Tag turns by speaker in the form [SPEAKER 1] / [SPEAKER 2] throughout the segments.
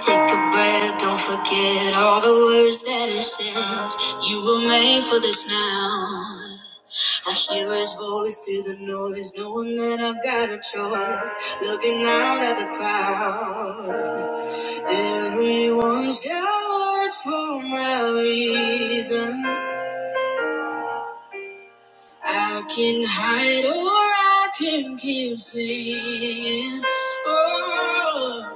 [SPEAKER 1] Take a breath, don't forget all the words that I said. You were made for this now. I hear his voice through the noise, knowing that I've got a choice. Looking out at the crowd. Everyone's got words for my reasons. I can hide or I can keep singing. Oh.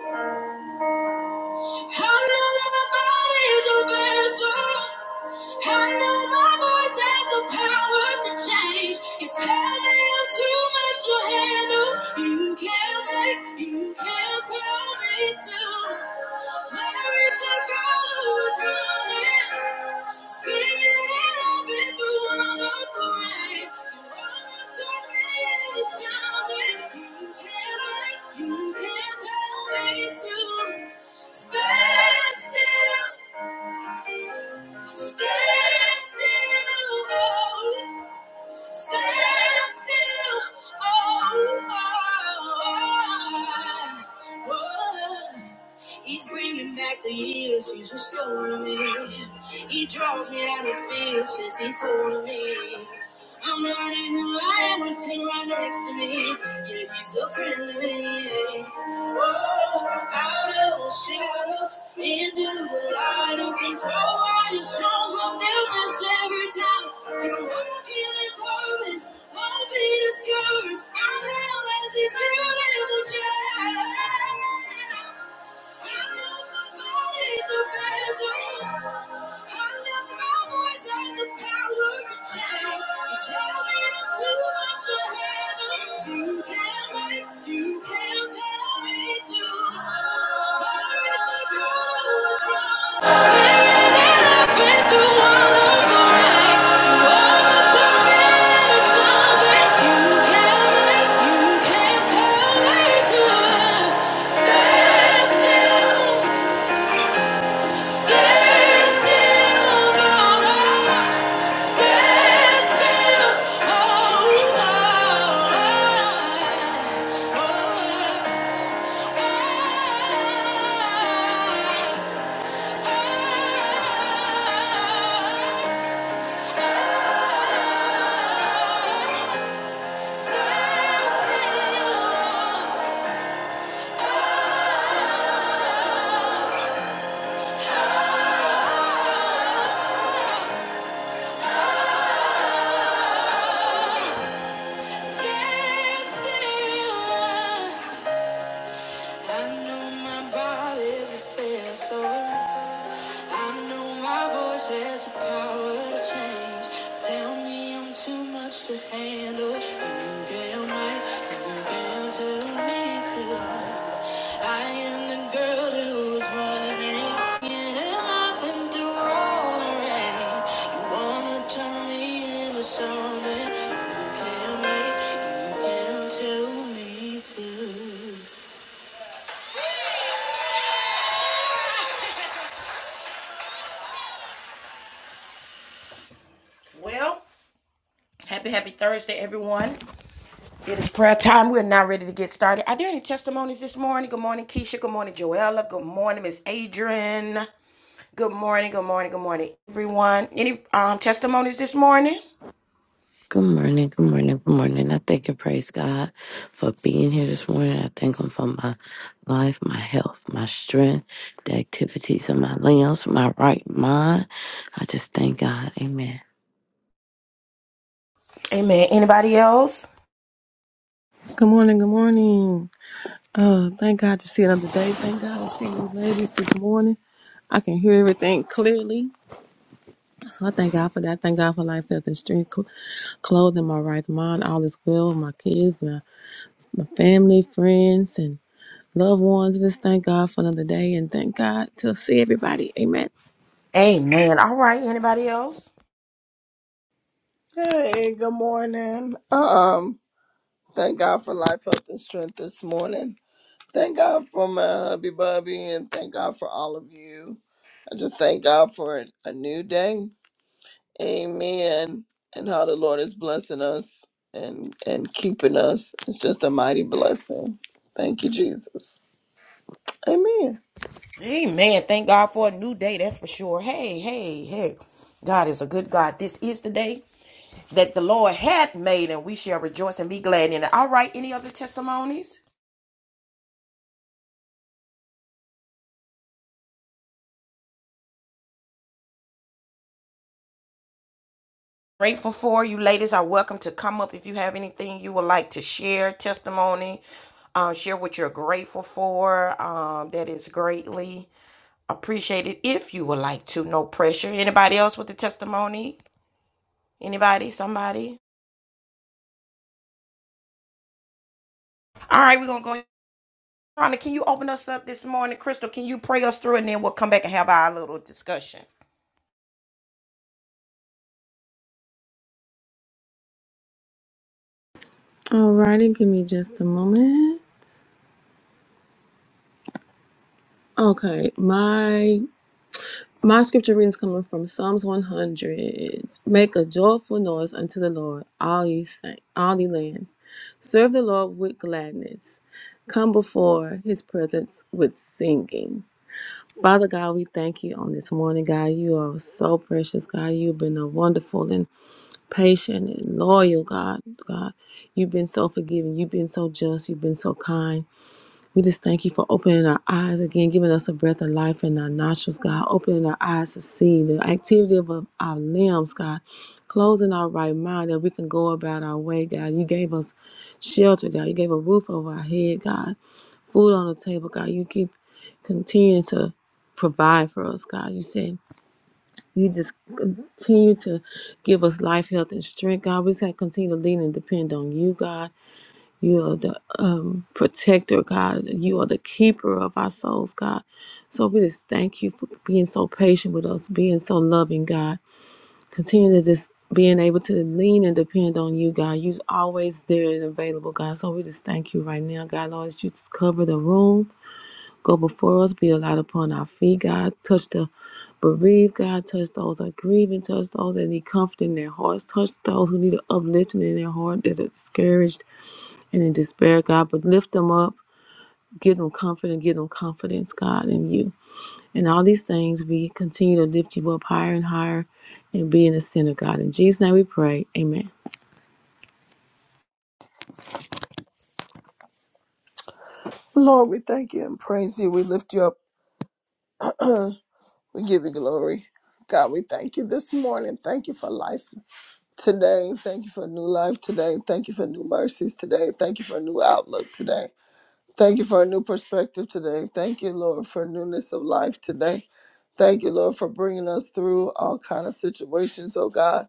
[SPEAKER 1] I know my body's a vessel. I know my voice has the power to change. You tell me I'm too much to handle. You can't make, you can't tell me to. Where is the girl who is running? Singing it up and through all of the rain. You're to me and it's shouting. You can't make, you can't tell me to. Stand still, stand still, oh, stand still, oh, oh, oh, oh. oh. He's bringing back the years, he's restoring me. He draws me out of fear, says he's holding me. I'm learning who I am with him right next to me. Yeah, he's a friend to me. Oh, out of the shadows, into the light, who can throw out your songs what they'll miss every time. Cause I'm walking in purpose, won't be discouraged. I'm held as his beautiful child. You can't make, you can't tell me to. Oh, oh, oh. I know my body's a fair I know my voice has the power to change. Tell me I'm too much to handle. You damn right, you damn tell me to. I am the girl who was running. And I'm often through all the rain. You wanna turn me into something. You can't make, you can't tell me to. Well, happy, happy Thursday, everyone. It is prayer time. We're now ready to get started. Are there any testimonies this morning? Good morning, Keisha. Good morning, Joella. Good morning, Miss Adrian. Good morning, good morning, good morning, everyone. Any um, testimonies this morning?
[SPEAKER 2] Good morning, good morning, good morning. I thank and praise God for being here this morning. I thank Him for my life, my health, my strength, the activities of my limbs, my right mind. I just thank God. Amen.
[SPEAKER 1] Amen. Anybody else?
[SPEAKER 3] Good morning, good morning. Uh, thank God to see another day. Thank God to see you ladies this morning. I can hear everything clearly. So I thank God for that. Thank God for life, health, and strength, cl- clothing, my right mind, all is well, my kids, my, my family, friends, and loved ones. Just thank God for another day and thank God to see everybody. Amen.
[SPEAKER 1] Amen. All right. Anybody else?
[SPEAKER 4] Hey, good morning. Um, thank God for life, health, and strength this morning. Thank God for my hubby Bubby and thank God for all of you. I just thank God for a new day. Amen. And how the Lord is blessing us and and keeping us. It's just a mighty blessing. Thank you, Jesus. Amen.
[SPEAKER 1] Amen. Thank God for a new day. That's for sure. Hey, hey, hey. God is a good God. This is the day that the Lord hath made, and we shall rejoice and be glad in it. All right. Any other testimonies? grateful for. You ladies are welcome to come up if you have anything you would like to share, testimony, uh, share what you're grateful for. Um, that is greatly appreciated if you would like to. No pressure. Anybody else with a testimony? Anybody? Somebody? All right, we're gonna go. ahead. Rhonda, can you open us up this morning? Crystal, can you pray us through and then we'll come back and have our little discussion?
[SPEAKER 3] Alrighty, give me just a moment. Okay, my My scripture reading is coming from Psalms 100. Make a joyful noise unto the Lord, all ye, sa- all ye lands. Serve the Lord with gladness. Come before his presence with singing. Father God, we thank you on this morning, God. You are so precious, God. You've been a wonderful and patient and loyal God. God, you've been so forgiving. You've been so just. You've been so kind. We just thank you for opening our eyes again, giving us a breath of life in our nostrils, God, opening our eyes to see the activity of our limbs, God, closing our right mind that we can go about our way, God. You gave us shelter, God. You gave a roof over our head, God, food on the table, God. You keep continuing to provide for us, God. You said you just continue to give us life, health, and strength, God. We just have to continue to lean and depend on you, God. You are the um, protector, God. You are the keeper of our souls, God. So we just thank you for being so patient with us, being so loving, God. Continue to just being able to lean and depend on you, God. You're always there and available, God. So we just thank you right now, God. Lord, as you just cover the room, go before us, be a light upon our feet, God. Touch the bereaved, God. Touch those that are grieving, touch those that need comfort in their hearts, touch those who need an uplifting in their heart, that are discouraged and in despair, God, but lift them up, give them comfort, and give them confidence, God, in you. And all these things, we continue to lift you up higher and higher and be in the center, God. In Jesus' name we pray. Amen.
[SPEAKER 4] Lord, we thank you and praise you. We lift you up. we give you glory. God, we thank you this morning. Thank you for life. today. Thank you for new life today. Thank you for new mercies today. Thank you for new outlook today. Thank you for a new perspective today. Thank you, Lord, for newness of life today. Thank you, Lord, for bringing us through all kind of situations. Oh God,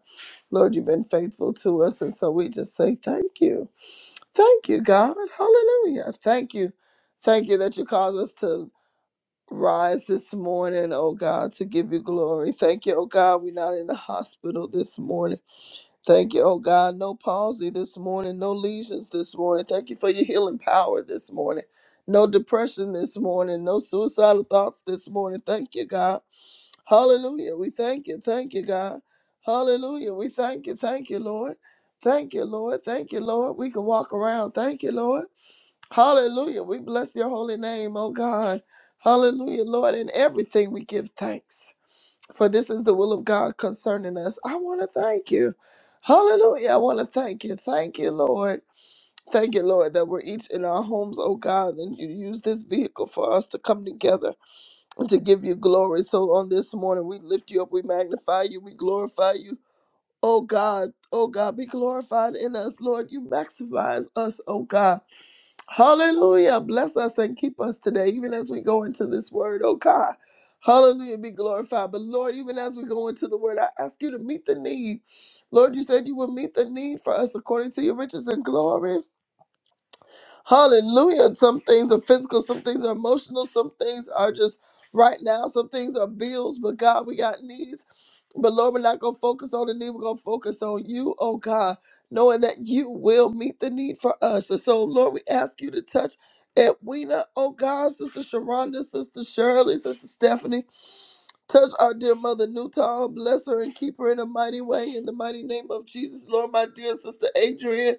[SPEAKER 4] Lord, you've been faithful to us, and so we just say thank you, thank you, God, Hallelujah, thank you, thank you that you caused us to rise this morning. Oh God, to give you glory. Thank you, oh God, we're not in the hospital this morning. Thank you, oh God. No palsy this morning, no lesions this morning. Thank you for your healing power this morning. No depression this morning, no suicidal thoughts this morning. Thank you, God. Hallelujah. We thank you. Thank you, God. Hallelujah. We thank you. Thank you, Lord. Thank you, Lord. Thank you, Lord. We can walk around. Thank you, Lord. Hallelujah. We bless your holy name, oh God. Hallelujah, Lord. In everything we give thanks, for this is the will of God concerning us. I want to thank you. Hallelujah. I want to thank you. Thank you, Lord. Thank you, Lord, that we're each in our homes, oh God, and you use this vehicle for us to come together and to give you glory. So on this morning, we lift you up, we magnify you, we glorify you. Oh God, oh God, be glorified in us, Lord. You maximize us, oh God. Hallelujah. Bless us and keep us today, even as we go into this word, oh God. Hallelujah. Be glorified. But Lord, even as we go into the word, I ask you to meet the need. Lord, you said you would meet the need for us according to your riches and glory. Hallelujah. Some things are physical, some things are emotional, some things are just right now, some things are bills, but God, we got needs. But Lord, we're not going to focus on the need. We're going to focus on you, oh God, knowing that you will meet the need for us. And so, Lord, we ask you to touch Edwina, oh God, Sister Sharonda, Sister Shirley, Sister Stephanie. Touch our dear mother Newton. Bless her and keep her in a mighty way. In the mighty name of Jesus, Lord, my dear Sister Adrian.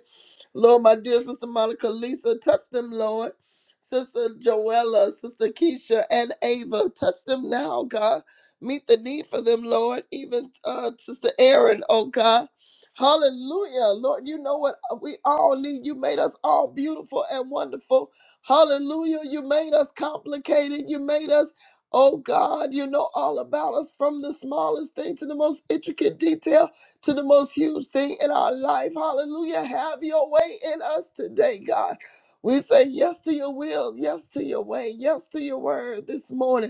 [SPEAKER 4] Lord, my dear Sister Monica, Lisa, touch them, Lord. Sister Joella, Sister Keisha, and Ava, touch them now, God. Meet the need for them, Lord. Even uh, Sister Erin, oh God. Hallelujah. Lord, you know what we all need. You made us all beautiful and wonderful. Hallelujah. You made us complicated. You made us, oh God, you know all about us from the smallest thing to the most intricate detail to the most huge thing in our life. Hallelujah. Have your way in us today, God. We say yes to your will, yes to your way, yes to your word this morning.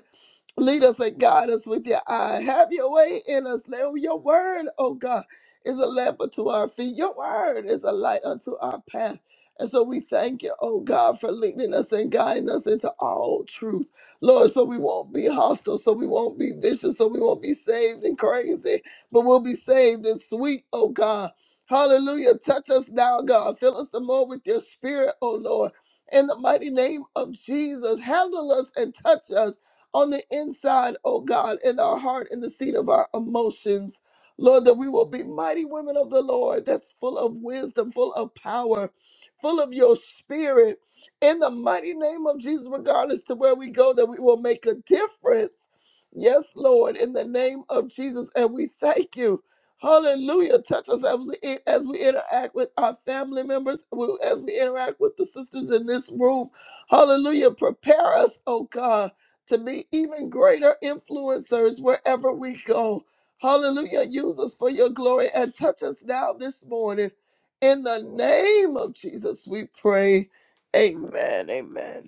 [SPEAKER 4] Lead us and guide us with your eye. Have your way in us. Let your word, oh God, is a lamp unto our feet. Your word is a light unto our path. And so we thank you, oh God, for leading us and guiding us into all truth. Lord, so we won't be hostile, so we won't be vicious, so we won't be saved and crazy, but we'll be saved and sweet, oh God. Hallelujah. Touch us now, God. Fill us the more with your spirit, oh Lord. In the mighty name of Jesus, handle us and touch us on the inside, oh God, in our heart, in the seat of our emotions. Lord, that we will be mighty women of the Lord that's full of wisdom, full of power, full of your spirit. In the mighty name of Jesus, regardless to where we go, that we will make a difference. Yes, Lord, in the name of Jesus. And we thank you. Hallelujah. Touch us as we, as we interact with our family members, as we interact with the sisters in this room. Hallelujah. Prepare us, oh God to be even greater influencers wherever we go. Hallelujah. Use us for your glory and touch us now this morning. In the name of Jesus, we pray. Amen. Amen.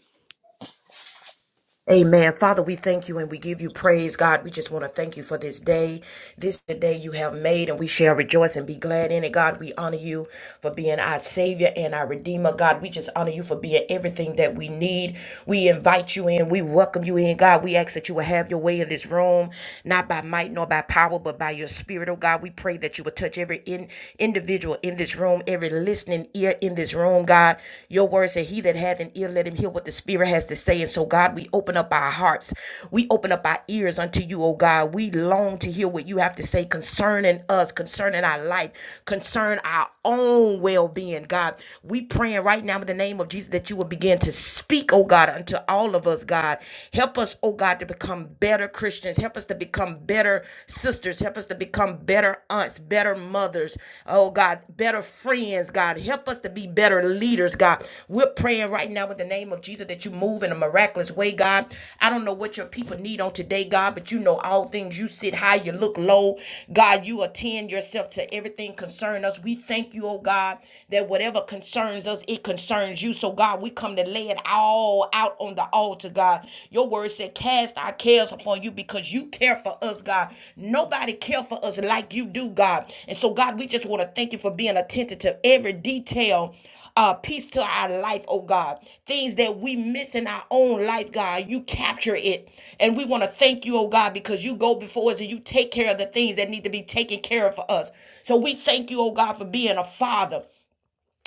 [SPEAKER 1] Amen. Father, we thank you and we give you praise, God. We just want to thank you for this day. This is the day you have made, and we shall rejoice and be glad in it. God, we honor you for being our Savior and our Redeemer. God, we just honor you for being everything that we need. We invite you in. We welcome you in, God. We ask that you will have your way in this room, not by might nor by power, but by your spirit, oh God. We pray that you will touch every in, individual in this room, every listening ear here in this room, God. Your word said, He that hath an ear, let him hear what the Spirit has to say. And so, God, we open up our hearts. We open up our ears unto you, oh God. We long to hear what you have to say concerning us, concerning our life, concern our own well being, God. We praying right now in the name of Jesus that you will begin to speak, oh God, unto all of us, God. Help us, oh God, to become better Christians. Help us to become better sisters soldiers. Help us to become better aunts, better mothers. Oh God, better friends, God. Help us to be better leaders, God. We're praying right now in the name of Jesus that you move in a miraculous way, God. I don't know what your people need on today, God, but you know all things. You sit high, you look low. God, you attend yourself to everything concerning us. We thank you, oh God, that whatever concerns us, it concerns you. So, God, we come to lay it all out on the altar altar, God. Your word said, cast our cares upon you because you care for us, God. Nobody care for us like you do, God. And so, God, we just want to thank you for being attentive to every detail uh, peace to our life, oh God. Things that we miss in our own life, God, you capture it. And we want to thank you, oh God, because you go before us and you take care of the things that need to be taken care of for us. So we thank you, oh God, for being a father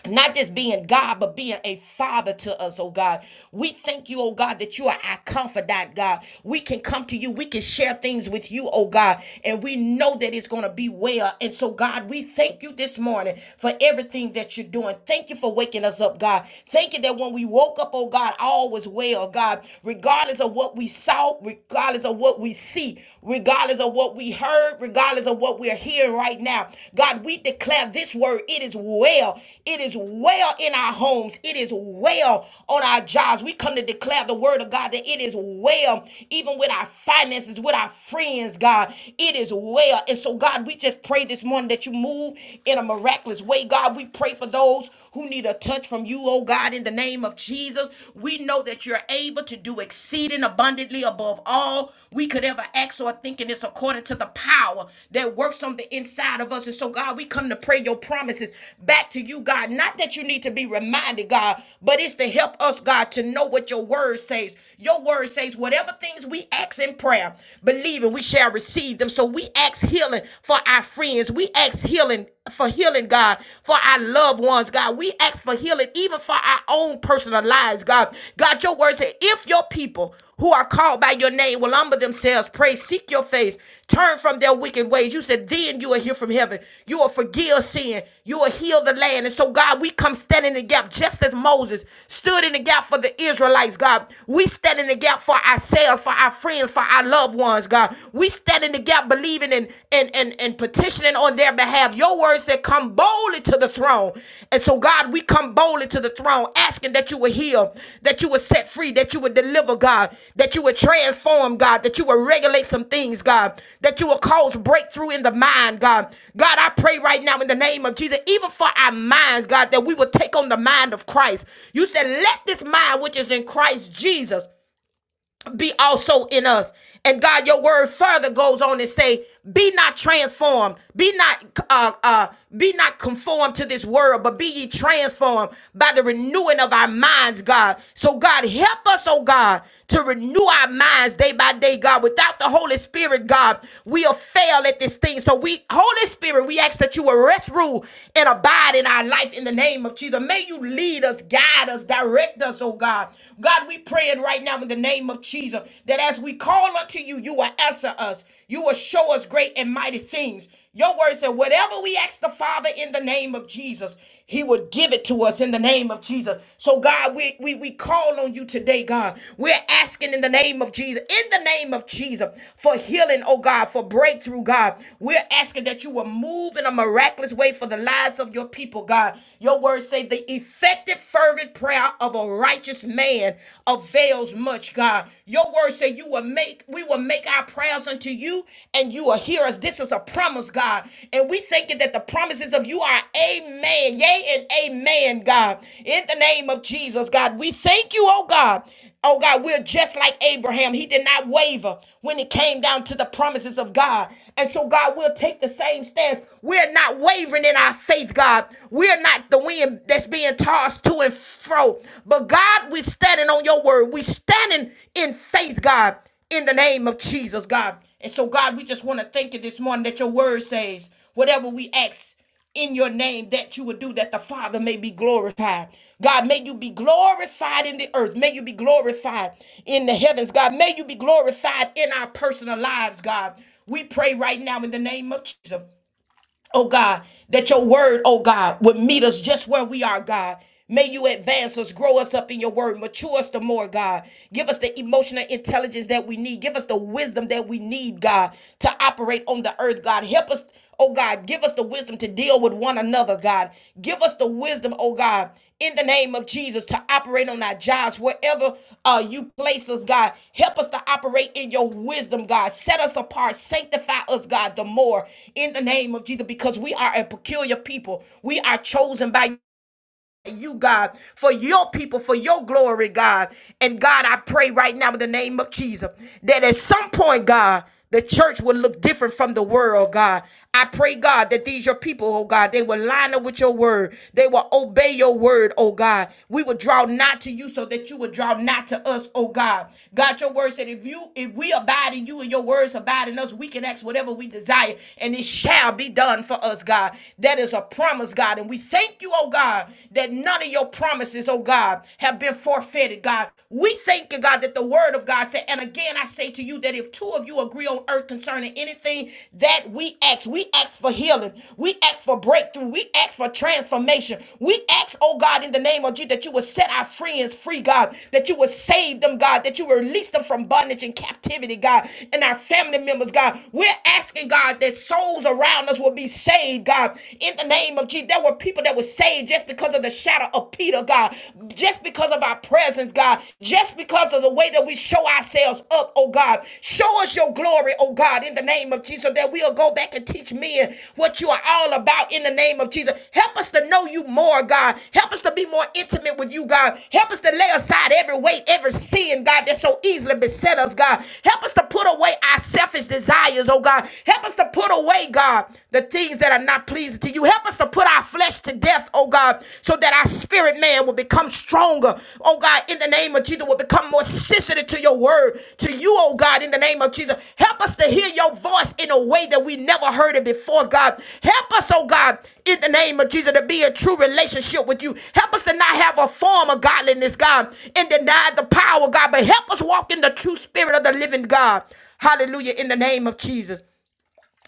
[SPEAKER 1] not just being God, but being a father to us, oh God. We thank you, oh God, that you are our confidant, God. We can come to you, we can share things with you, oh God, and we know that it's going to be well. And so, God, we thank you this morning for everything that you're doing. Thank you for waking us up, God. Thank you that when we woke up, oh God, all was well, God, regardless of what we saw, regardless of what we see, regardless of what we heard, regardless of what we're hearing right now. God, we declare this word it is well. It is well in our homes, it is well on our jobs. We come to declare the word of God that it is well, even with our finances, with our friends, God. It is well. And so, God, we just pray this morning that you move in a miraculous way. God, we pray for those who need a touch from you, oh God, in the name of Jesus. We know that you're able to do exceeding abundantly above all we could ever ask or think, and it's according to the power that works on the inside of us. And so, God, we come to pray your promises back to you, God. Not that you need to be reminded, God, but it's to help us, God, to know what your word says. Your word says, whatever things we ask in prayer, believing we shall receive them. So we ask healing for our friends. We ask healing for healing, God, for our loved ones, God. We ask for healing even for our own personal lives, God. God, your word said, if your people who are called by your name will humble themselves, pray, seek your face, turn from their wicked ways. You said, then you will hear from heaven. You will forgive sin. You will heal the land. And so, God, we come standing in the gap just as Moses stood in the gap for the Israelites, God. We stand in the gap for ourselves, for our friends, for our loved ones, God. We stand in the gap believing and and and, and petitioning on their behalf. Your word said, come boldly to the throne. And so, God, we come boldly to the throne, asking that you would heal, that you would set free, that you would deliver, God, that you would transform, God, that you would regulate some things, God, that you will cause breakthrough in the mind, God. God, I pray right now in the name of Jesus, even for our minds, God, that we will take on the mind of Christ. You said, let this mind which is in Christ Jesus be also in us. And God, your word further goes on and say, be not transformed, be not uh uh be not conformed to this world, but be ye transformed by the renewing of our minds, God. So God help us, oh God, to renew our minds day by day, God. Without the Holy Spirit, God, we'll fail at this thing. So we, Holy Spirit, we ask that you will rest, rule, and abide in our life in the name of Jesus. May you lead us, guide us, direct us, oh God. God. God, we praying right now in the name of Jesus that as we call unto you, you will answer us. You will show us great and mighty things. Your word said, whatever we ask the Father in the name of Jesus, He would give it to us in the name of Jesus. So, God, we, we, we call on you today, God. We're asking in the name of Jesus, in the name of Jesus, for healing, oh God, for breakthrough, God. We're asking that you will move in a miraculous way for the lives of your people, God. Your word say the effect effective, fervent prayer of a righteous man avails much, God. Your word said you will make, we will make our prayers unto you and you will hear us. This is a promise, God. And we thank you that the promises of you are amen, yea and amen, God. In the name of Jesus, God, we thank you, oh God. Oh God, we're just like Abraham. He did not waver when it came down to the promises of God. And so, God, we'll take the same stance. We're not wavering in our faith, God. God. We're not the wind that's being tossed to and fro. But God, we're standing on your word. We're standing in faith, God, in the name of Jesus, God. And so, God, we just want to thank you this morning that your word says, whatever we ask in your name that you would do that the Father may be glorified. God, may you be glorified in the earth. May you be glorified in the heavens. God, may you be glorified in our personal lives, God. We pray right now in the name of Jesus oh God, that your word, oh God, would meet us just where we are, God. May you advance us, grow us up in your word, mature us the more, God. Give us the emotional intelligence that we need. Give us the wisdom that we need, God, to operate on the earth, God. Help us, oh God. Give us the wisdom to deal with one another, God. Give us the wisdom, oh God, in the name of Jesus to operate on our jobs, wherever uh, you place us, God. Help us to operate in your wisdom, God. Set us apart, sanctify us, God, the more in the name of Jesus, because we are a peculiar people. We are chosen by you, God, for your people, for your glory, God. And God, I pray right now in the name of Jesus that at some point, God, the church will look different from the world, God. I pray, God, that these your people, oh God, they will line up with your word. They will obey your word, oh God. We will draw not to you so that you would draw not to us, oh God. God, your word said if you if we abide in you and your words abide in us, we can ask whatever we desire, and it shall be done for us, God. That is a promise, God, and we we thank you, oh God, that none of your promises, oh God, have been forfeited, God. We thank you, God, that the word of God said, and again I say to you that if two of you agree on earth concerning anything that we ask, we ask for healing, we ask for breakthrough, we ask for transformation. We ask, oh God, in the name of Jesus, that you would set our friends free, God, that you would save them, God, that you would release them from bondage and captivity, God, and our family members, God. We're asking, God, that souls around us will be saved, God in the name of Jesus. There were people that were saved just because of the shadow of Peter, God, just because of our presence, God, just because of the way that we show ourselves up, oh God. Show us your glory, oh God, in the name of Jesus, so that we'll go back and teach men what you are all about in the name of Jesus. Help us to know you more, God. Help us to be more intimate with you, God. Help us to lay aside every weight, every sin, God, that so easily beset us, God. Help us to put away our selfish desires, oh God. Help us to us to put away, God, the things that are not pleasing to you. Help us to put our flesh to death, oh God, so that our spirit man will become stronger, oh God, in the name of Jesus, will become more sensitive to your word, to you, oh God, in the name of Jesus. Help us to hear your voice in a way that we never heard it before, God. Help us, oh God, in the name of Jesus, to be a true relationship with you. Help us to not have a form of godliness, God, and deny the power, God, but help us walk in the true spirit of the living God. Hallelujah, in the name of Jesus.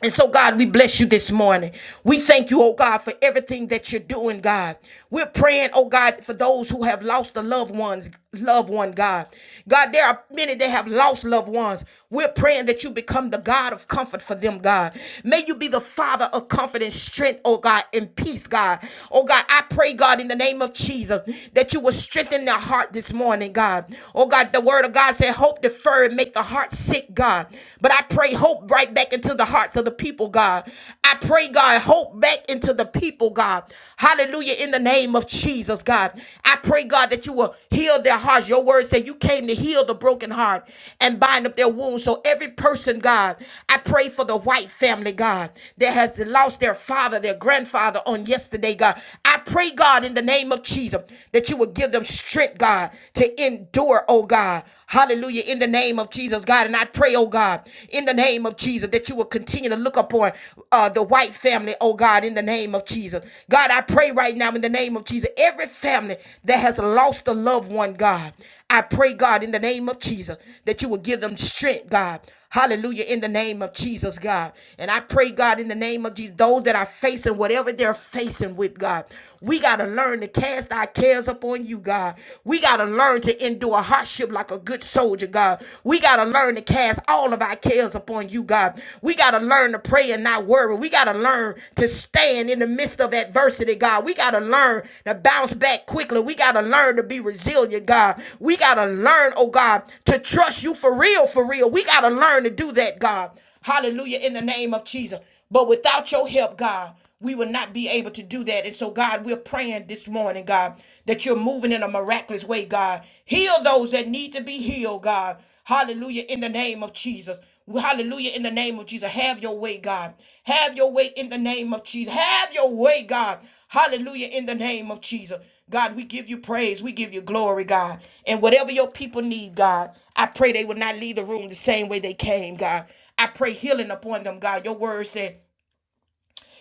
[SPEAKER 1] And so, God, we bless you this morning. We thank you, oh God, for everything that you're doing, God. We're praying, oh God, for those who have lost a loved ones, loved one, God. God, there are many that have lost loved ones. We're praying that you become the God of comfort for them, God. May you be the Father of comfort and strength, oh God, and peace, God. Oh God, I pray, God, in the name of Jesus, that you will strengthen their heart this morning, God. Oh God, the word of God said, hope deferred, make the heart sick sick, God. But I pray hope right back into the hearts of the people, God. I pray, God, hope back into the people, God. Hallelujah. In the name of Jesus, God. I pray, God, that you will heal their hearts. Your word said you came to heal the broken heart and bind up their wounds. So every person, God, I pray for the white family, God, that has lost their father, their grandfather on yesterday, God. I pray, God, in the name of Jesus, that you will give them strength, God, to endure, Oh oh God. Hallelujah. In the name of Jesus, God. And I pray, oh God, in the name of Jesus, that you will continue to look upon uh, the white family, oh God, in the name of Jesus. God, I pray right now in the name of Jesus, every family that has lost a loved one, God, I pray, God, in the name of Jesus, that you will give them strength, God. Hallelujah. In the name of Jesus, God. And I pray, God, in the name of Jesus, those that are facing whatever they're facing with, God, we got to learn to cast our cares upon you, God. We got to learn to endure hardship like a good soldier, God. We got to learn to cast all of our cares upon you, God. We got to learn to pray and not worry. We got to learn to stand in the midst of adversity adversity, God. We got to learn to bounce back quickly. We got to learn to be resilient, God. We got to learn, oh God, to trust you for real, for real. We got to learn to do that, God. Hallelujah, in the name of Jesus. But without your help, God, we will not be able to do that. And so, God, we're praying this morning, God, that you're moving in a miraculous way, God. Heal those that need to be healed, God. Hallelujah, in the name of Jesus. Hallelujah. In the name of Jesus. Have your way, God. Have your way in the name of Jesus. Have your way, God. Hallelujah. In the name of Jesus. God, we give you praise. We give you glory, God. And whatever your people need, God, I pray they will not leave the room the same way they came, God. I pray healing upon them, God. Your word said,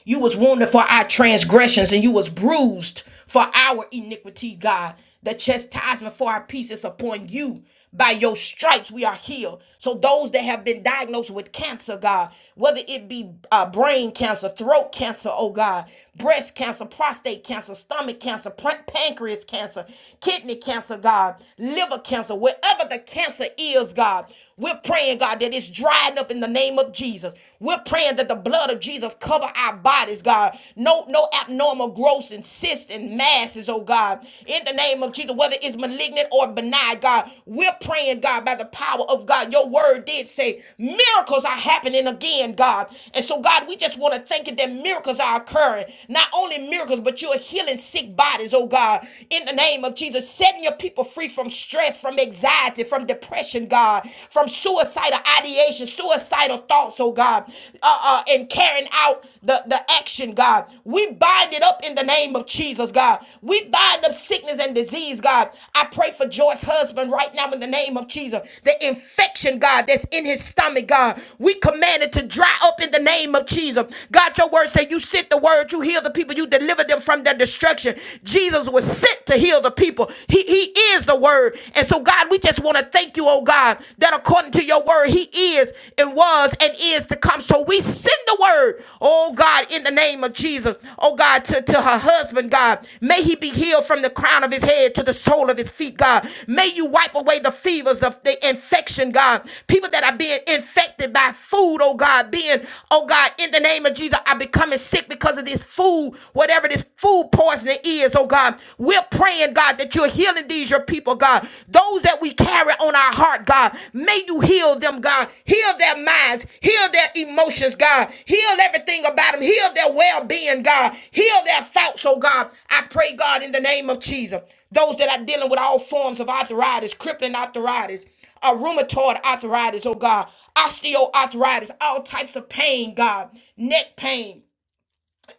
[SPEAKER 1] you was wounded for our transgressions and you was bruised for our iniquity, God. The chastisement for our peace is upon you. By your stripes we are healed. So those that have been diagnosed with cancer, God, whether it be uh, brain cancer, throat cancer, oh God, breast cancer, prostate cancer, stomach cancer, pancreas cancer, kidney cancer, God, liver cancer, wherever the cancer is, God, we're praying, God, that it's drying up in the name of of Jesus. We're praying that the blood of Jesus cover our bodies, God. No, no abnormal growths and cysts and masses, oh God. In the name of Jesus, whether it's malignant or benign, God, we're praying, God, by the power of God. Your word did say miracles are happening again, God. And so, God, we just want to thank you that miracles are occurring. Not only miracles, but you're healing sick bodies, oh God. In the name of Jesus, setting your people free from stress, from anxiety, from depression, God. God, from suicidal ideation, suicidal thoughts, oh God, uh, uh, and carrying out the, the action, God. We bind it up in the name of Jesus, God. We bind up sickness and disease, God. I pray for Joyce's husband right now in the name of Jesus. The infection, God, that's in his stomach, God. We command it to dry up in the name of Jesus. God, your word say you sent the word, you heal the people, you deliver them from their destruction. Jesus was sent to heal the people. He he he is the word. And so, God, we just want to thank you, oh God, that according to your word, he is and was and is to come. So we send the word, oh God, in the name of Jesus, oh God, to, to her husband, God. May he be healed from the crown of his head to the sole of his feet, God. May you wipe away the fevers of the infection, God. People that are being infected by food, oh God, being, oh God, in the name of Jesus, are becoming sick because of this food, whatever this food poison hearts and oh God. We're praying, God, that you're healing these, your people, God. Those that we carry on our heart, God, may you heal them, God. Heal their minds, heal their emotions, God. Heal everything about them, heal their well being, God. Heal their thoughts, oh God. I pray, God, in the name of Jesus. Those that are dealing with all forms of arthritis, crippling arthritis, uh, rheumatoid arthritis, oh God, osteoarthritis, all types of pain, God, neck pain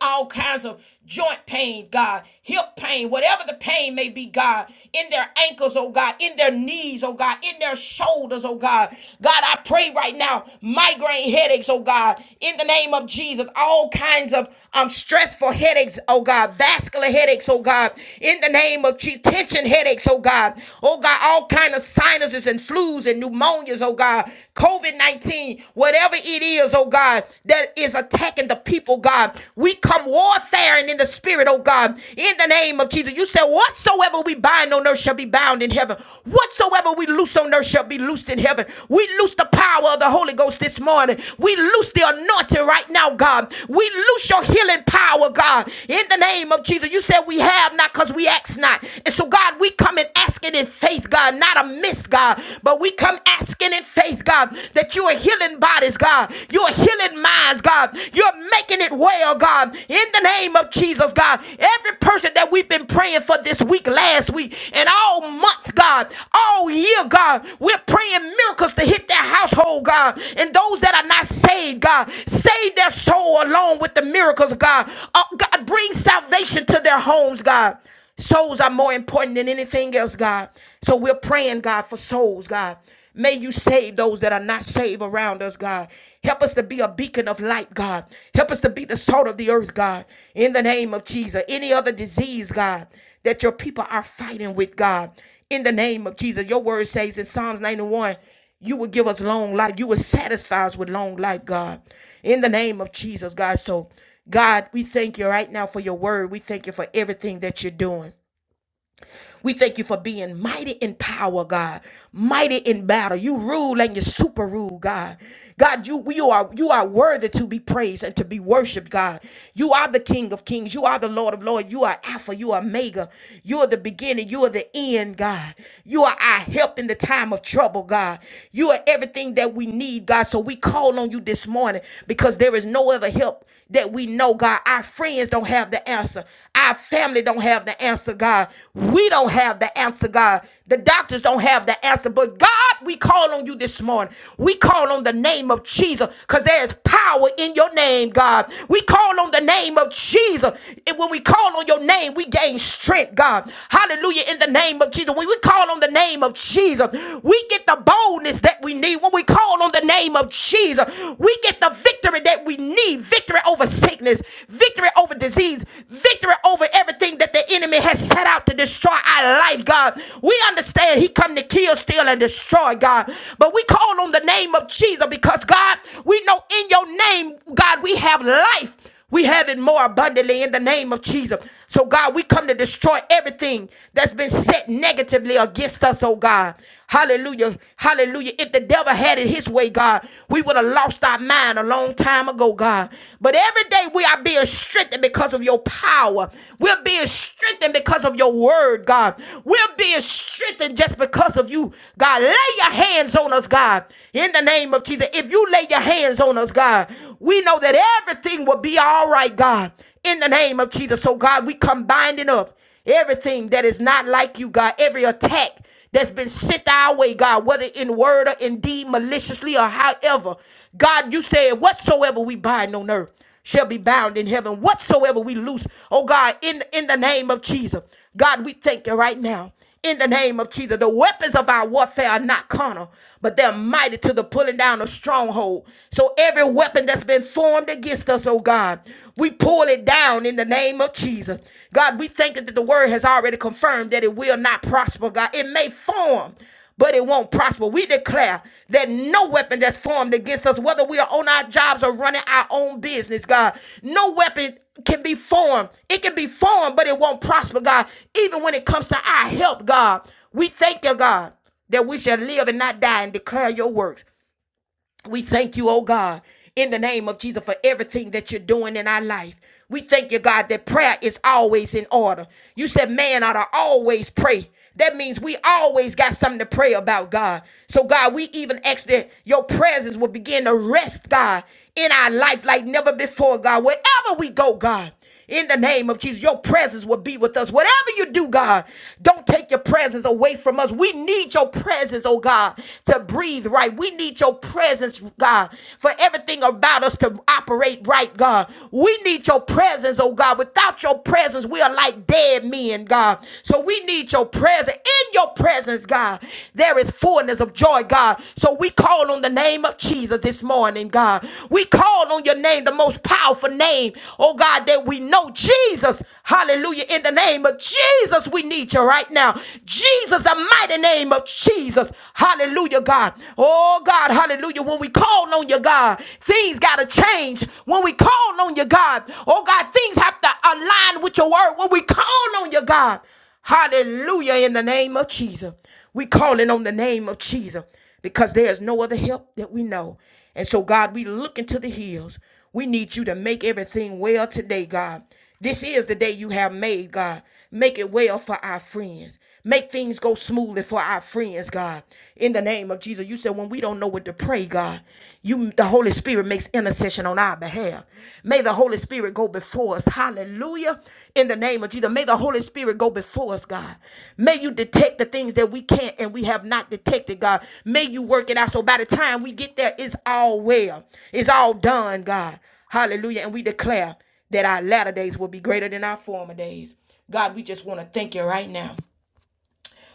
[SPEAKER 1] all kinds of joint pain, God, hip pain, whatever the pain may be, God, in their ankles, oh God, in their knees, oh God, in their shoulders, oh God. God, I pray right now, migraine headaches, oh God, in the name of Jesus, all kinds of um, stressful headaches, oh God, vascular headaches, oh God, in the name of Jesus, tension headaches, oh God, oh God, all kinds of sinuses and flus and pneumonias, oh God, COVID 19, whatever it is, oh God. God, that is attacking the people, God. We come warfaring in the spirit, oh God, in the name of Jesus. You said, Whatsoever we bind on earth shall be bound in heaven. Whatsoever we loose on earth shall be loosed in heaven. We loose the power of the Holy Ghost this morning. We loose the anointing right now, God. We loose your healing power, God, in the name of Jesus. You said, We have not because we ask not. And so, God, we come and asking in faith, God, not amiss, God, but we come asking in faith faith, God, that you are healing bodies, God. You are healing minds, God. You're making it well, God. In the name of Jesus, God. Every person that we've been praying for this week, last week, and all month, God, all year, God, we're praying miracles to hit their household, God. And those that are not saved, God, save their soul along with the miracles, God. Uh, God, bring salvation to their homes, God. Souls are more important than anything else, God. So we're praying, God, for souls, God. May you save those that are not saved around us, God. Help us to be a beacon of light, God. Help us to be the salt of the earth, God. In the name of Jesus. Any other disease, God, that your people are fighting with, God. In the name of Jesus. Your word says in Psalms 91, you will give us long life. You will satisfy us with long life, God. In the name of Jesus, God. So, God, we thank you right now for your word. We thank you for everything that you're doing. We thank you for being mighty in power, God. Mighty in battle. You rule and you super rule, God. God, you you are you are worthy to be praised and to be worshiped, God. You are the King of Kings. You are the Lord of Lords. You are Alpha. You are Omega. You are the beginning. You are the end, God. You are our help in the time of trouble, God. You are everything that we need, God. So we call on you this morning because there is no other help that we know, God, our friends don't have the answer. Our family don't have the answer, God. We don't have the answer, God. The doctors don't have the answer. But God, we call on you this morning. We call on the name of Jesus because there is power in your name, God. We call on the name of Jesus. And when we call on your name, we gain strength, God. Hallelujah. In the name of Jesus. When we call on the name of Jesus, we get the boldness that we need. When we call on on the name of Jesus. We get the victory that we need victory over sickness, victory over disease, victory over everything that the enemy has set out to destroy our life, God. We understand he come to kill, steal, and destroy, God. But we call on the name of Jesus because, God, we know in your name, God, we have life. We have it more abundantly in the name of Jesus. So, God, we come to destroy everything that's been set negatively against us, oh God. Hallelujah. Hallelujah. If the devil had it his way, God, we would have lost our mind a long time ago, God. But every day we are being strengthened because of your power. We're being strengthened because of your word, God. We're being strengthened just because of you, God. Lay your hands on us, God. In the name of Jesus. If you lay your hands on us, God, we we know that everything will be all right, God, in the name of Jesus. So, God, we come binding up everything that is not like you, God, every attack that's been sent our way, God, whether in word or in deed, maliciously or however. God, you said, whatsoever we bind on earth shall be bound in heaven. Whatsoever we loose, oh God, in, in the name of Jesus. God, we thank you right now in the name of Jesus. The weapons of our warfare are not carnal, but they're mighty to the pulling down of stronghold. So every weapon that's been formed against us, oh God, we pull it down in the name of Jesus. God, we thank you that the word has already confirmed that it will not prosper, God. It may form but it won't prosper. We declare that no weapon that's formed against us, whether we are on our jobs or running our own business, God, no weapon can be formed. It can be formed, but it won't prosper, God. Even when it comes to our health, God, we thank you, God, that we shall live and not die and declare your works. We thank you, oh God, in the name of Jesus for everything that you're doing in our life. We thank you, God, that prayer is always in order. You said man ought to always pray. That means we always got something to pray about, God. So, God, we even ask that your presence will begin to rest, God, in our life like never before, God. Wherever we go, God. In the name of Jesus, your presence will be with us. Whatever you do, God, don't take your presence away from us. We need your presence, oh God, to breathe right. We need your presence, God, for everything about us to operate right, God. We need your presence, oh God. Without your presence, we are like dead men, God. So we need your presence. In your presence, God, there is fullness of joy, God. So so we call on the name of Jesus this morning, God. We call on your name, the most powerful name, oh God, that we know. Jesus, hallelujah. In the name of Jesus, we need you right now. Jesus, the mighty name of Jesus, hallelujah, God. Oh God, hallelujah. When we call on you, God, things got to change. When we call on you, God, oh God, things have to align with your word. When we call on you, God, Hallelujah in the name of Jesus. We calling on the name of Jesus because there is no other help that we know. And so, God, we look into the hills. We need you to make everything well today, God. This is the day you have made, God. Make it well for our friends. Make things go smoothly for our friends, God. In the name of Jesus, you said when we don't know what to pray, God, you the Holy Spirit makes intercession on our my behalf. May the Holy Spirit go before us. Hallelujah. In the name of Jesus. May the Holy Spirit go before us, God. May you detect the things that we can't and we have not detected, God. May you work it out. So by the time we get there, it's all well. It's all done, God. Hallelujah. And we declare that our latter days will be greater than our former days. God, we just want to thank you right now.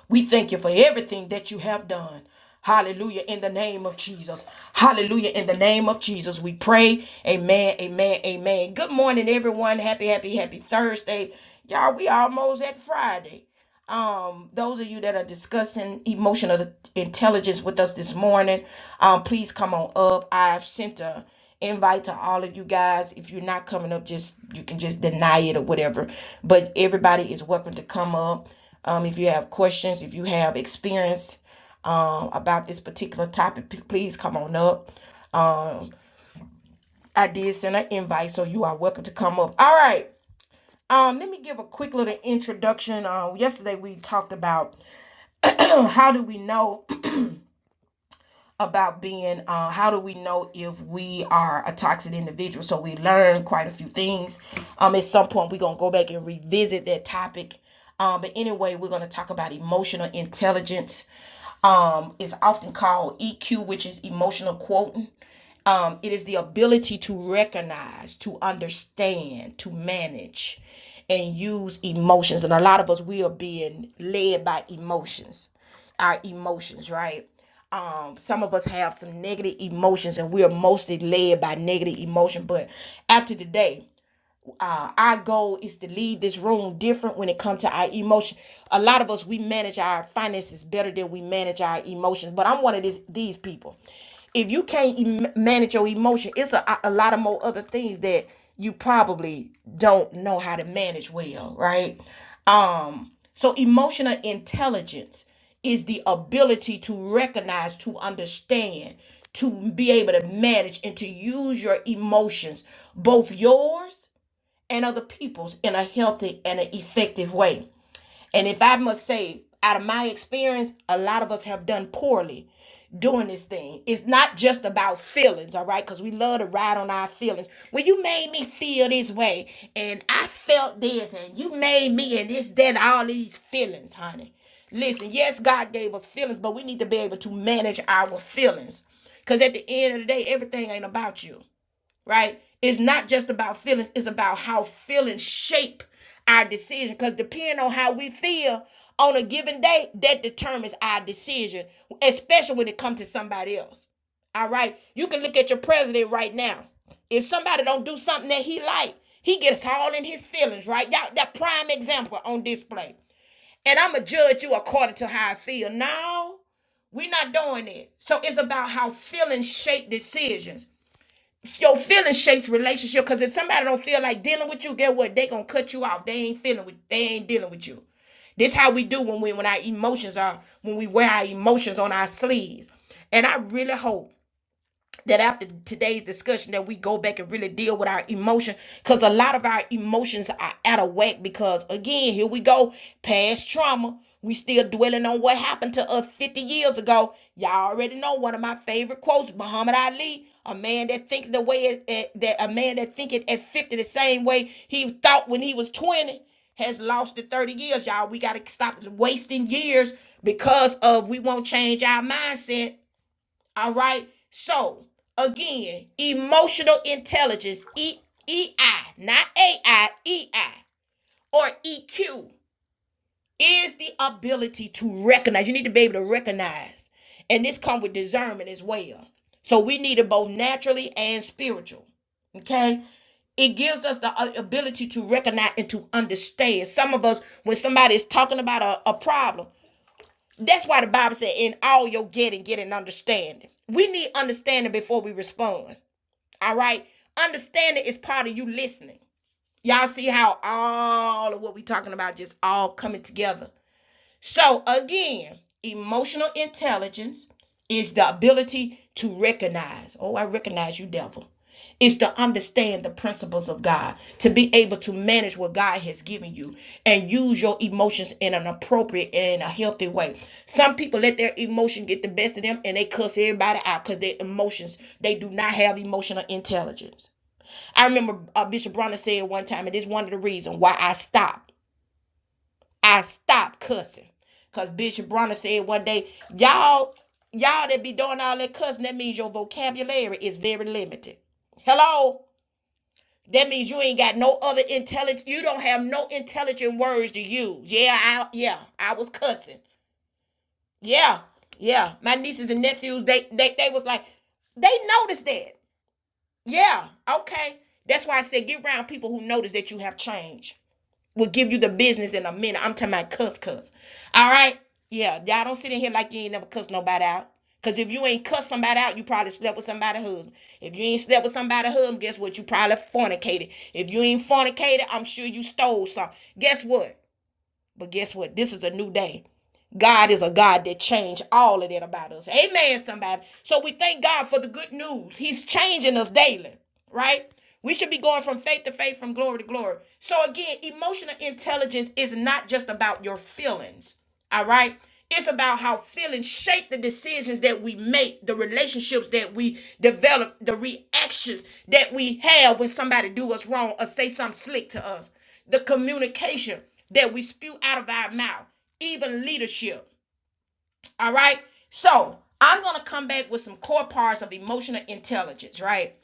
[SPEAKER 1] We thank you for everything that you have done. Hallelujah in the name of Jesus. Hallelujah in the name of Jesus. We pray. Amen. Amen. Amen. Good morning, everyone. Happy, happy, happy Thursday. Y'all, we almost at Friday um, those of you that are discussing emotional intelligence with us this morning, um, please come on up. I've sent a invite to all of you guys. If you're not coming up, just you can just deny it or whatever. But everybody is welcome to come up. Um, if you have questions, if you have experience um, about this particular topic, p- please come on up. Um, I did send an invite, so you are welcome to come up. All right. Um, let me give a quick little introduction. Uh, yesterday we talked about so how do we know about being uh, how do we know if we are a toxic individual so we learn quite a few things um at some point we're gonna go back and revisit that topic um but anyway we're gonna talk about emotional intelligence um it's often called eq which is emotional quotient. Um, it is the ability to recognize, to understand, to manage, and use emotions. And a lot of us, we are being led by emotions, our emotions, right? Um, some of us have some negative emotions, and we are mostly led by negative emotion. But after today, uh, our goal is to leave this room different when it comes to our emotion. A lot of us we manage our finances better than we manage our emotions. But I'm one of these these people. If you can't em- manage your emotion, it's a, a lot of more other things that you probably don't know how to manage well, right? Um, so emotional intelligence is the ability to recognize, to understand, to be able to manage, and to use your emotions, both yours and other people's in a healthy and an effective way. And if I must say, out of my experience, a lot of us have done poorly doing this thing. It's not just about feelings, all right? Because we love to ride on our feelings. Well, you made me feel this way, and I felt this, and you made me, and this, that, all these feelings, honey. Listen, yes, God gave us feelings, but we need to be able to manage our feelings. Because at the end of the day, everything ain't about you right? It's not just about feelings, it's about how feelings shape our decision. Because depending on how we feel on a given day, that determines our decision, especially when it comes to somebody else. All right. You can look at your president right now. If somebody don't do something that he like, he gets all in his feelings, right? Y'all, that prime example on display. And I'ma judge you according to how I feel. No, we're not doing it. So it's about how feelings shape decisions your feelings shapes relationship because if somebody don't feel like dealing with you get what they gonna cut you off they ain't feeling with they ain't dealing with you this how we do when we when our emotions are when we wear our emotions on our sleeves and i really hope that after today's discussion that we go back and really deal with our emotion because a lot of our emotions are out of whack because again here we go past trauma we still dwelling on what happened to us 50 years ago y'all already know one of my favorite quotes muhammad ali a man that think the way at, that a man that thinking at 50 the same way he thought when he was 20 has lost the 30 years y'all we got to stop wasting years because of we won't change our mindset all right. So again, emotional intelligence, E E I, not A I, E I or EQ is the ability to recognize. You need to be able to recognize. And this comes with discernment as well. So we need it both naturally and spiritual. Okay? It gives us the uh, ability to recognize and to understand. Some of us, when somebody is talking about a a problem, that's why the Bible said, in all your getting, get an understanding. We need understanding before we respond. All right? Understanding is part of you listening. Y'all see how all of what we are talking about just all coming together. So again, emotional intelligence is the ability to recognize. Oh, I recognize you, devil. It's to understand the principles of God, to be able to manage what God has given you and use your emotions in an appropriate and a healthy way. Some people let their emotion get the best of them and they cuss everybody out because their emotions, they do not have emotional intelligence. I remember uh, Bishop Bronner said one time, and it's one of the reasons why I stopped I stopped cussing. Cause Bishop Bronner said one day, y'all, y'all that be doing all that cussing, that means your vocabulary is very limited. Hello? That means you ain't got no other intelligent, you don't have no intelligent words to use. Yeah, I yeah, I was cussing. Yeah, yeah. My nieces and nephews, they they they was like, they noticed that. Yeah, okay. That's why I said get around people who notice that you have changed will give you the business in a minute. I'm talking about cuss cuss. All right? Yeah, y'all don't sit in here like you ain't never cuss nobody out. Cause if you ain't cuss somebody out, you probably slept with somebody's husband. If you ain't slept with somebody's husband, guess what? You probably fornicated. If you ain't fornicated, I'm sure you stole some. Guess what? But guess what? This is a new day. God is a God that changed all of that about us. Amen, somebody. So we thank God for the good news. He's changing us daily, right? We should be going from faith to faith, from glory to glory. So again, emotional intelligence is not just about your feelings, all right? It's about how feelings shape the decisions that we make, the relationships that we develop, the reactions that we have when somebody do us wrong or say something slick to us, the communication that we spew out of our mouth even leadership. All right. So I'm gonna come back with some core parts of emotional intelligence, right?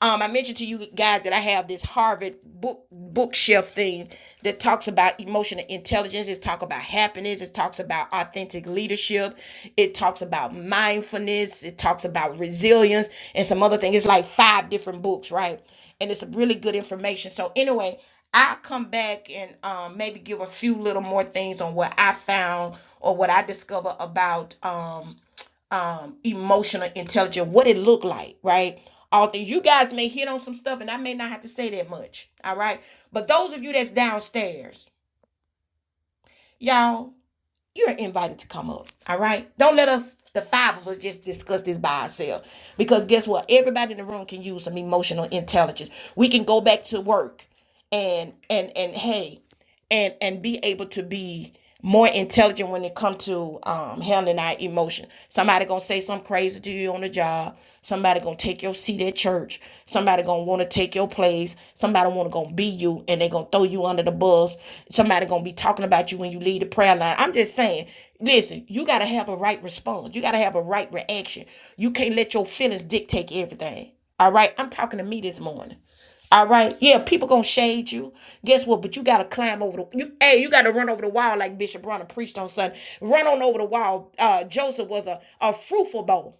[SPEAKER 1] Um, I mentioned to you guys that I have this Harvard book bookshelf thing that talks about emotional intelligence. It talks about happiness. It talks about authentic leadership. It talks about mindfulness. It talks about resilience and some other things. It's like five different books, right? And it's really good information. So anyway, I'll come back and um, maybe give a few little more things on what I found or what I discovered about um, um, emotional intelligence, what it looked like, right? Although you guys may hit on some stuff and I may not have to say that much, all right? But those of you that's downstairs, y'all, you're invited to come up, all right? Don't let us, the five of us, just discuss this by ourselves because guess what? Everybody in the room can use some emotional intelligence. We can go back to work and and and hey and and be able to be more intelligent when it comes to um, handling our emotion. Somebody gonna say something crazy to you on the job. Somebody gonna take your seat at church. Somebody gonna wanna take your place. Somebody wanna gonna be you and they gonna throw you under the bus. Somebody gonna be talking about you when you leave the prayer line. I'm just saying, listen, you gotta have a right response. You gotta have a right reaction. You can't let your feelings dictate everything. All right, I'm talking to me this morning. All right. Yeah, people gonna shade you. Guess what? But you gotta climb over the you hey, you gotta run over the wall like Bishop Bronner preached on Sunday. Run on over the wall. Uh Joseph was a, a fruitful bow,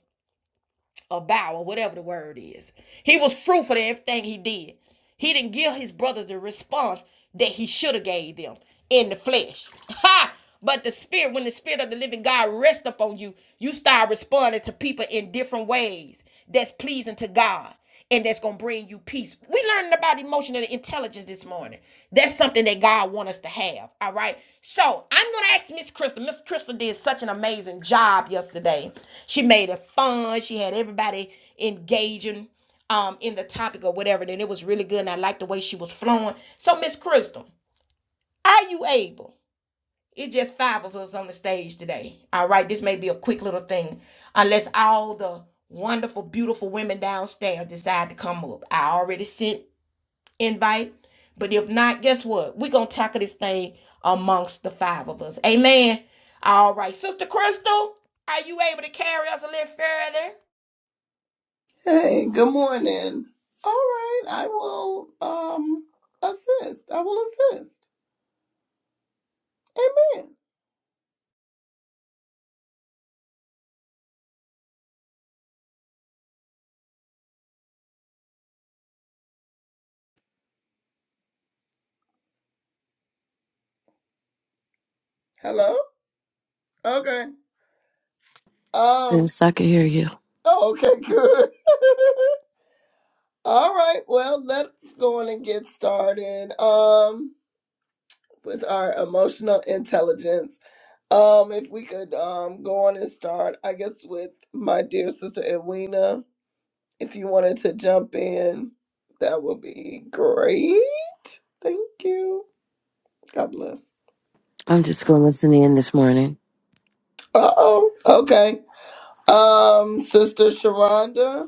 [SPEAKER 1] a bow, or whatever the word is. He was fruitful in everything he did. He didn't give his brothers the response that he should have gave them in the flesh. Ha! But the spirit, when the spirit of the living God rests upon you, you start responding to people in different ways that's pleasing to God and that's gonna bring you peace. We learning about emotional intelligence this morning. That's something that God want us to have. All right. So I'm gonna ask Miss Crystal. Miss Crystal did such an amazing job yesterday. She made it fun. She had everybody engaging um in the topic or whatever. Then it was really good, and I liked the way she was flowing. So Miss Crystal, are you able? It's just five of us on the stage today. All right, this may be a quick little thing, unless all the wonderful, beautiful women downstairs decide to come up. I already sent invite, but if not, guess what? We're gonna tackle this thing amongst the five of us. Amen. All right, Sister Crystal, are you able to carry us a little further?
[SPEAKER 4] Hey, good morning. All right, I will um assist. I will assist. Amen. Hello? Okay. Um,
[SPEAKER 2] Yes, I can hear you.
[SPEAKER 4] oh, okay, good. All right, well, let's go on and get started. Um, with our emotional intelligence. Um, if we could um go on and start, I guess with my dear sister Edwina, if you wanted to jump in, that would be great. Thank you. God bless.
[SPEAKER 2] I'm just going to listen in this morning.
[SPEAKER 4] Uh oh. Okay. Um, sister Sharonda.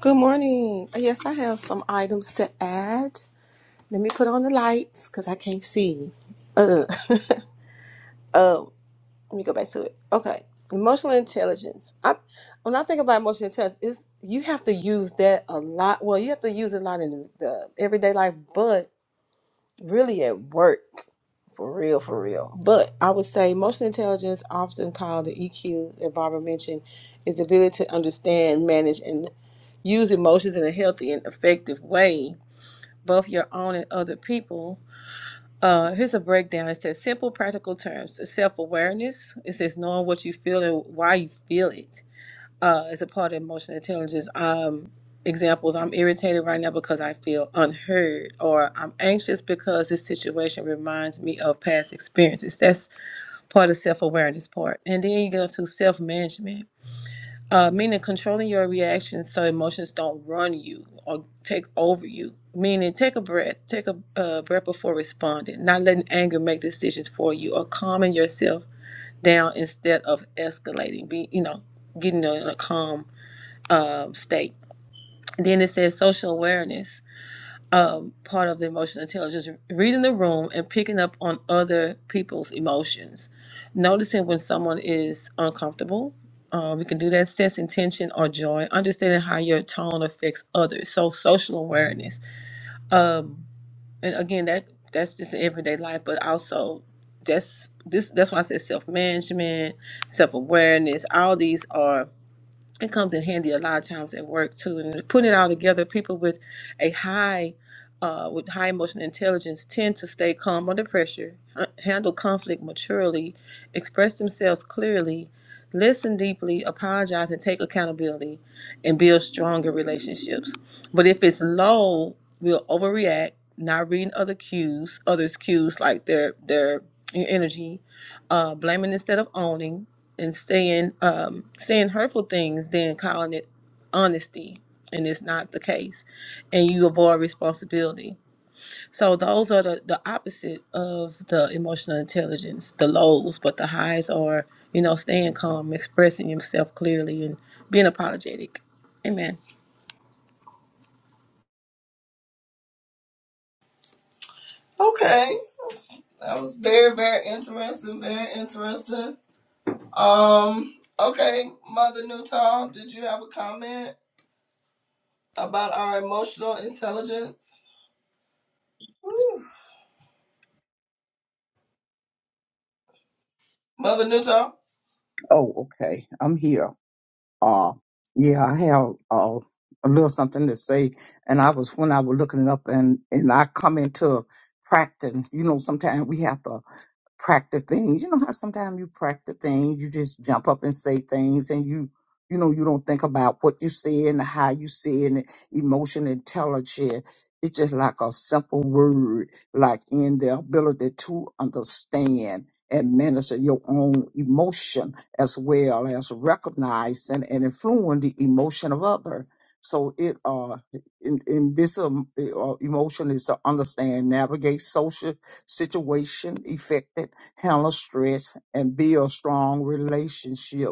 [SPEAKER 3] Good morning. Uh, Yes, I have some items to add. Let me put on the lights because I can't see. Uh, um, let me go back to it. Okay, emotional intelligence. I when I think about emotional intelligence, is you have to use that a lot. Well, you have to use it a lot in the everyday life, but really at work for real for real but i would say emotional intelligence often called the eq that barbara mentioned is the ability to understand manage and use emotions in a healthy and effective way both your own and other people uh, here's a breakdown it says simple practical terms self-awareness it says knowing what you feel and why you feel it uh, as a part of emotional intelligence, um, examples, I'm irritated right now because I feel unheard, or I'm anxious because this situation reminds me of past experiences. That's part of self awareness part. And then you go to self management, uh, meaning controlling your reactions so emotions don't run you or take over you. Meaning, take a breath, take a uh, breath before responding, not letting anger make decisions for you, or calming yourself down instead of escalating. Be you know, getting a, a calm um, state. Then it says social awareness, um, part of the emotional intelligence, reading the room and picking up on other people's emotions, noticing when someone is uncomfortable. Uh, we can do that, sensing tension or joy, understanding how your tone affects others. So social awareness, um, and again, that that's just in everyday life, but also that's this that's why I said self management, self awareness. All these are it comes in handy a lot of times at work too and putting it all together people with a high uh, with high emotional intelligence tend to stay calm under pressure h- handle conflict maturely express themselves clearly listen deeply apologize and take accountability and build stronger relationships but if it's low we'll overreact not reading other cues others cues like their their your energy uh, blaming instead of owning and saying um, saying hurtful things than calling it honesty and it's not the case and you avoid responsibility so those are the, the opposite of the emotional intelligence the lows but the highs are you know staying calm expressing yourself clearly and being apologetic amen
[SPEAKER 4] Okay. That was very, very interesting. Very interesting. Um, okay, Mother Newton, did you have a comment about our emotional intelligence? Woo. Mother Newton?
[SPEAKER 5] Oh, okay. I'm here. Uh, yeah, I have uh, a little something to say. And I was when I was looking it up, and and I come into practice. You know, sometimes we have to practice things. You know how sometimes you practice things, you just jump up and say things and you you know you don't think about what you say and how you say and the emotion intelligence. It's just like a simple word, like in the ability to understand and minister your own emotion as well as recognize and, and influence the emotion of other. So it uh in, in this um, uh, emotion is to understand, navigate social situation affected, handle stress, and build strong relationship.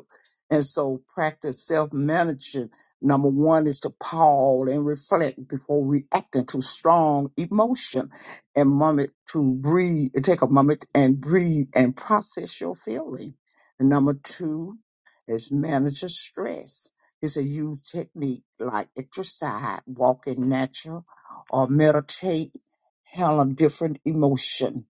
[SPEAKER 5] And so practice self-management. Number one is to pause and reflect before reacting to strong emotion and moment to breathe, take a moment and breathe and process your feeling. And number two is manage your stress. It's a used technique like exercise, walking natural, or meditate handle different emotion.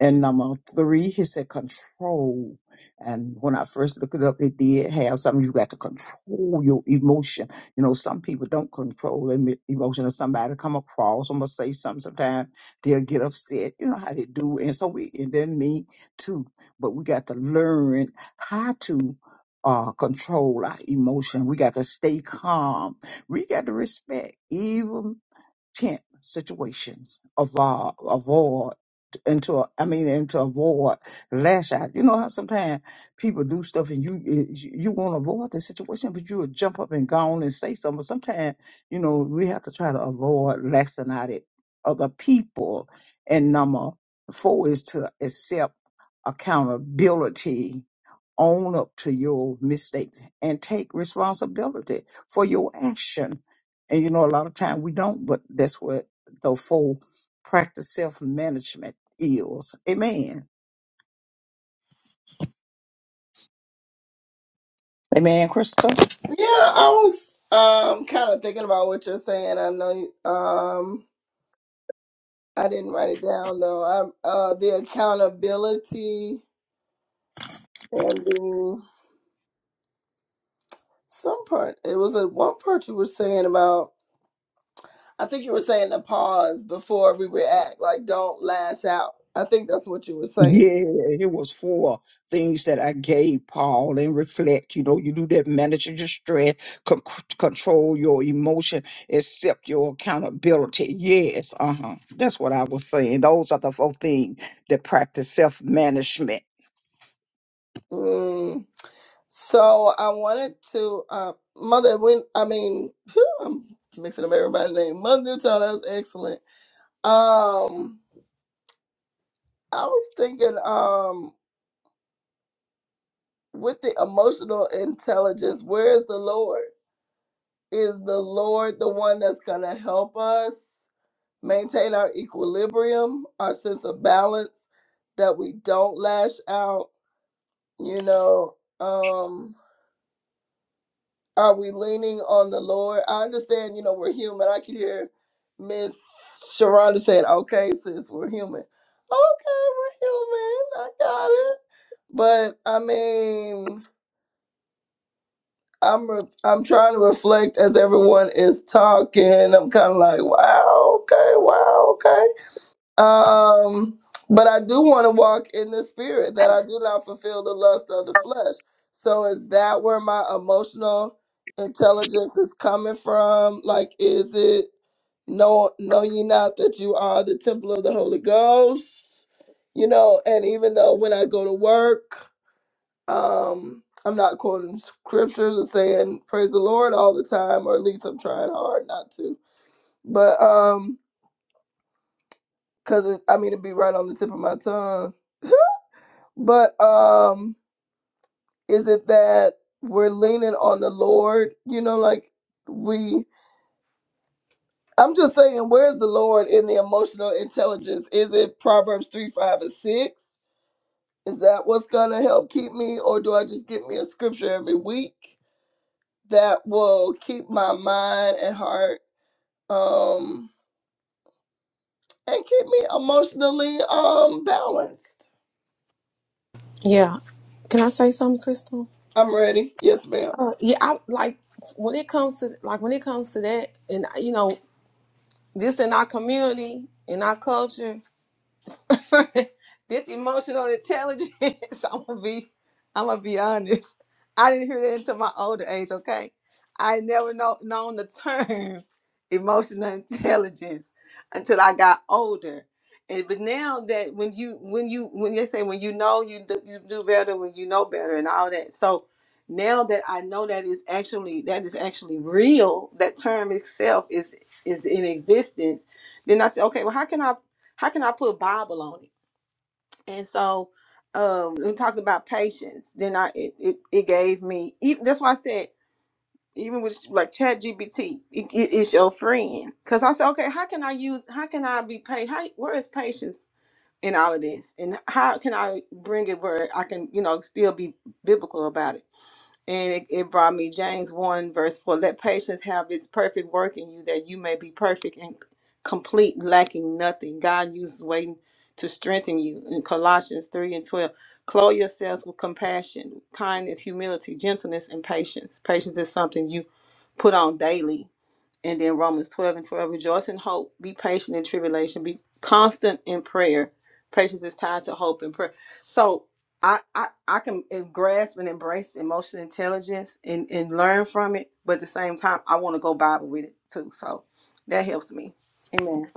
[SPEAKER 5] And number three, he said control. And when I first looked it up, it did have something you got to control your emotion. You know, some people don't control their emo- emotion. If somebody come across I'm gonna say something, sometimes they'll get upset. You know how they do. And so we, and then me too. But we got to learn how to uh, control our emotion. We got to stay calm. We got to respect tent situations avoid avoid into a, I mean into avoid lash out. You know how sometimes people do stuff and you you want to avoid the situation, but you will jump up and go on and say something. But sometimes you know we have to try to avoid lashing out at other people. And number four is to accept accountability own up to your mistakes and take responsibility for your action. And you know, a lot of time we don't, but that's what the full practice self management is. Amen. Amen, Crystal.
[SPEAKER 4] Yeah, I was um kind of thinking about what you're saying. I know you, um I didn't write it down though. I uh the accountability and the some part it was a one part you were saying about I think you were saying the pause before we react, like don't lash out. I think that's what you were saying.
[SPEAKER 5] Yeah, it was four things that I gave Paul and reflect. You know, you do that, manage your stress, con- control your emotion, accept your accountability. Yes, uh huh. That's what I was saying. Those are the four things that practice self management.
[SPEAKER 4] Mm. So I wanted to uh mother when I mean I'm mixing up everybody's name. Mother Newton, that was excellent. Um I was thinking, um, with the emotional intelligence, where is the Lord? Is the Lord the one that's going to help us maintain our equilibrium, our sense of balance, that we don't lash out? You know, um, are we leaning on the Lord? I understand, you know, we're human. I could hear Miss Sharonda saying, okay, sis, we're human. Okay, we're human. I got it. But I mean, I'm re- I'm trying to reflect as everyone is talking. I'm kind of like, wow, okay, wow, okay. Um, but I do want to walk in the spirit that I do not fulfill the lust of the flesh. So is that where my emotional intelligence is coming from? Like, is it know know ye not that you are the temple of the Holy Ghost? You know, and even though when I go to work um, I'm not quoting scriptures or saying praise the Lord all the time, or at least I'm trying hard not to. But um, cause it, I mean it'd be right on the tip of my tongue. But um, is it that we're leaning on the Lord? You know, like we. I'm just saying, where's the Lord in the emotional intelligence? Is it Proverbs three, five, and six? Is that what's gonna help keep me, or do I just get me a scripture every week that will keep my mind and heart? um, and keep me emotionally um balanced.
[SPEAKER 3] Yeah. Can I say something, Crystal?
[SPEAKER 4] I'm ready. Yes, ma'am.
[SPEAKER 3] Uh, yeah, I like when it comes to like when it comes to that, and you know, just in our community, in our culture. for this emotional intelligence. I'm gonna be, I'm gonna be honest. I didn't hear that until my older age. Okay, I never know, known the term emotional intelligence until I got older. And but now that when you when you when they say when you know you do, you do better when you know better and all that. So now that I know that is actually that is actually real. That term itself is is in existence. Then I said, okay, well, how can I? how can I put Bible on it? And so um we talked about patience. Then I it it, it gave me even that's why I said even with like chat GBT, it, it- it's your friend. Cause I said, okay, how can I use how can I be paid? How where is patience in all of this? And how can I bring it where I can, you know, still be biblical about it? And it, it brought me James 1, verse 4. Let patience have its perfect work in you, that you may be perfect and complete, lacking nothing. God uses waiting to strengthen you. In Colossians 3 and 12, clothe yourselves with compassion, kindness, humility, gentleness, and patience. Patience is something you put on daily and then Romans 12 and 12, rejoice in hope, be patient in tribulation, be constant in prayer. Patience is tied to hope and prayer. So I I, I can grasp and embrace emotional intelligence and, and learn from it, but at the same time, I want to go Bible with it too. So that helps me. Amen.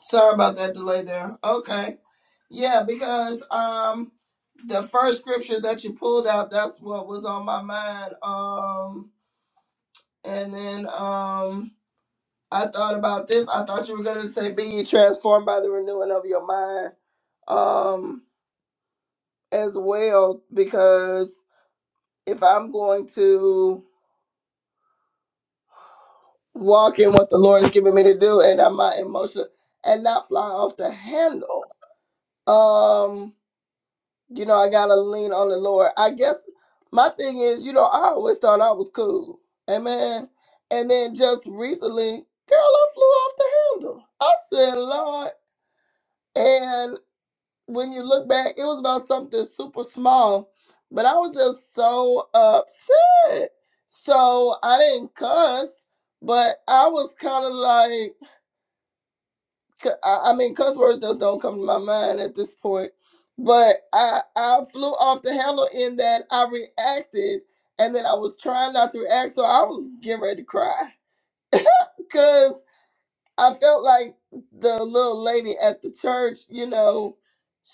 [SPEAKER 4] Sorry about that delay there. Okay. Yeah, because um the first scripture that you pulled out, that's what was on my mind. Um and then um I thought about this. I thought you were gonna say be ye transformed by the renewing of your mind. Um as well because if I'm going to walk in what the Lord is giving me to do, and I'm not emotional and not fly off the handle. Um, you know, I gotta lean on the Lord. I guess my thing is, you know, I always thought I was cool, amen. And then just recently, girl, I flew off the handle. I said, Lord, and when you look back, it was about something super small, but I was just so upset. So I didn't cuss, but I was kind of like, c- I, I mean, cuss words just don't come to my mind at this point. But I I flew off the handle in that I reacted, and then I was trying not to react, so I was getting ready to cry because I felt like the little lady at the church, you know,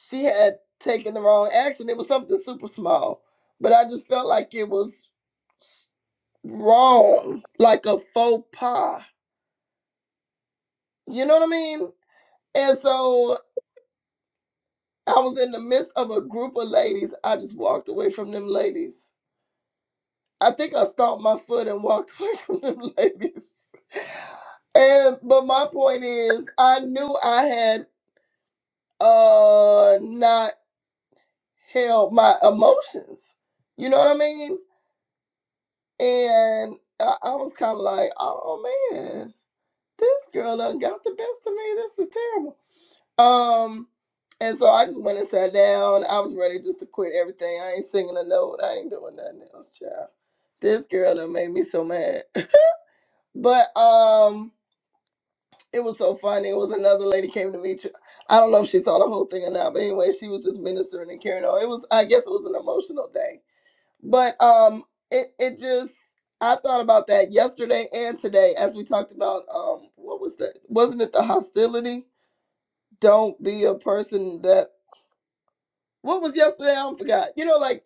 [SPEAKER 4] she had taken the wrong action. It was something super small, but I just felt like it was wrong, like a faux pas. You know what I mean? And so I was in the midst of a group of ladies. I just walked away from them ladies. I think I stomped my foot and walked away from them ladies. And but my point is, I knew I had uh not held my emotions. You know what I mean? And I, I was kind of like, oh man, this girl done got the best of me. This is terrible. Um, and so I just went and sat down. I was ready just to quit everything. I ain't singing a note. I ain't doing nothing else, child. This girl done made me so mad. But um, it was so funny. It was another lady came to meet you. I don't know if she saw the whole thing or not, but anyway, she was just ministering and carrying on. It was, I guess, it was an emotional day. But um, it it just. I thought about that yesterday and today as we talked about um what was that wasn't it the hostility don't be a person that What was yesterday? I forgot. You know, like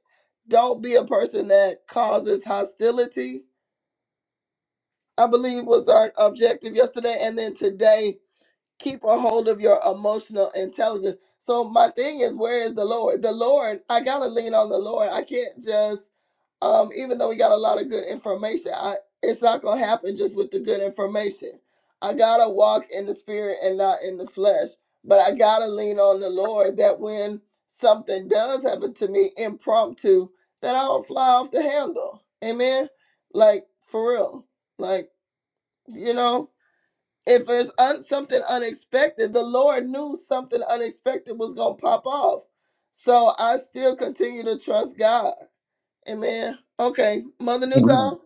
[SPEAKER 4] don't be a person that causes hostility. I believe was our objective yesterday, and then today keep a hold of your emotional intelligence. So my thing is, where is the Lord? The Lord, I gotta lean on the Lord. I can't just, um, even though we got a lot of good information, I it's not gonna happen just with the good information. I gotta walk in the spirit and not in the flesh. But I gotta lean on the Lord that when something does happen to me impromptu, that I don't fly off the handle. Amen. Like for real. Like, you know if there's un- something unexpected, the Lord knew something unexpected was going to pop off. So I still continue to trust God. Amen. Okay, Mother
[SPEAKER 5] Amen.
[SPEAKER 4] Newton.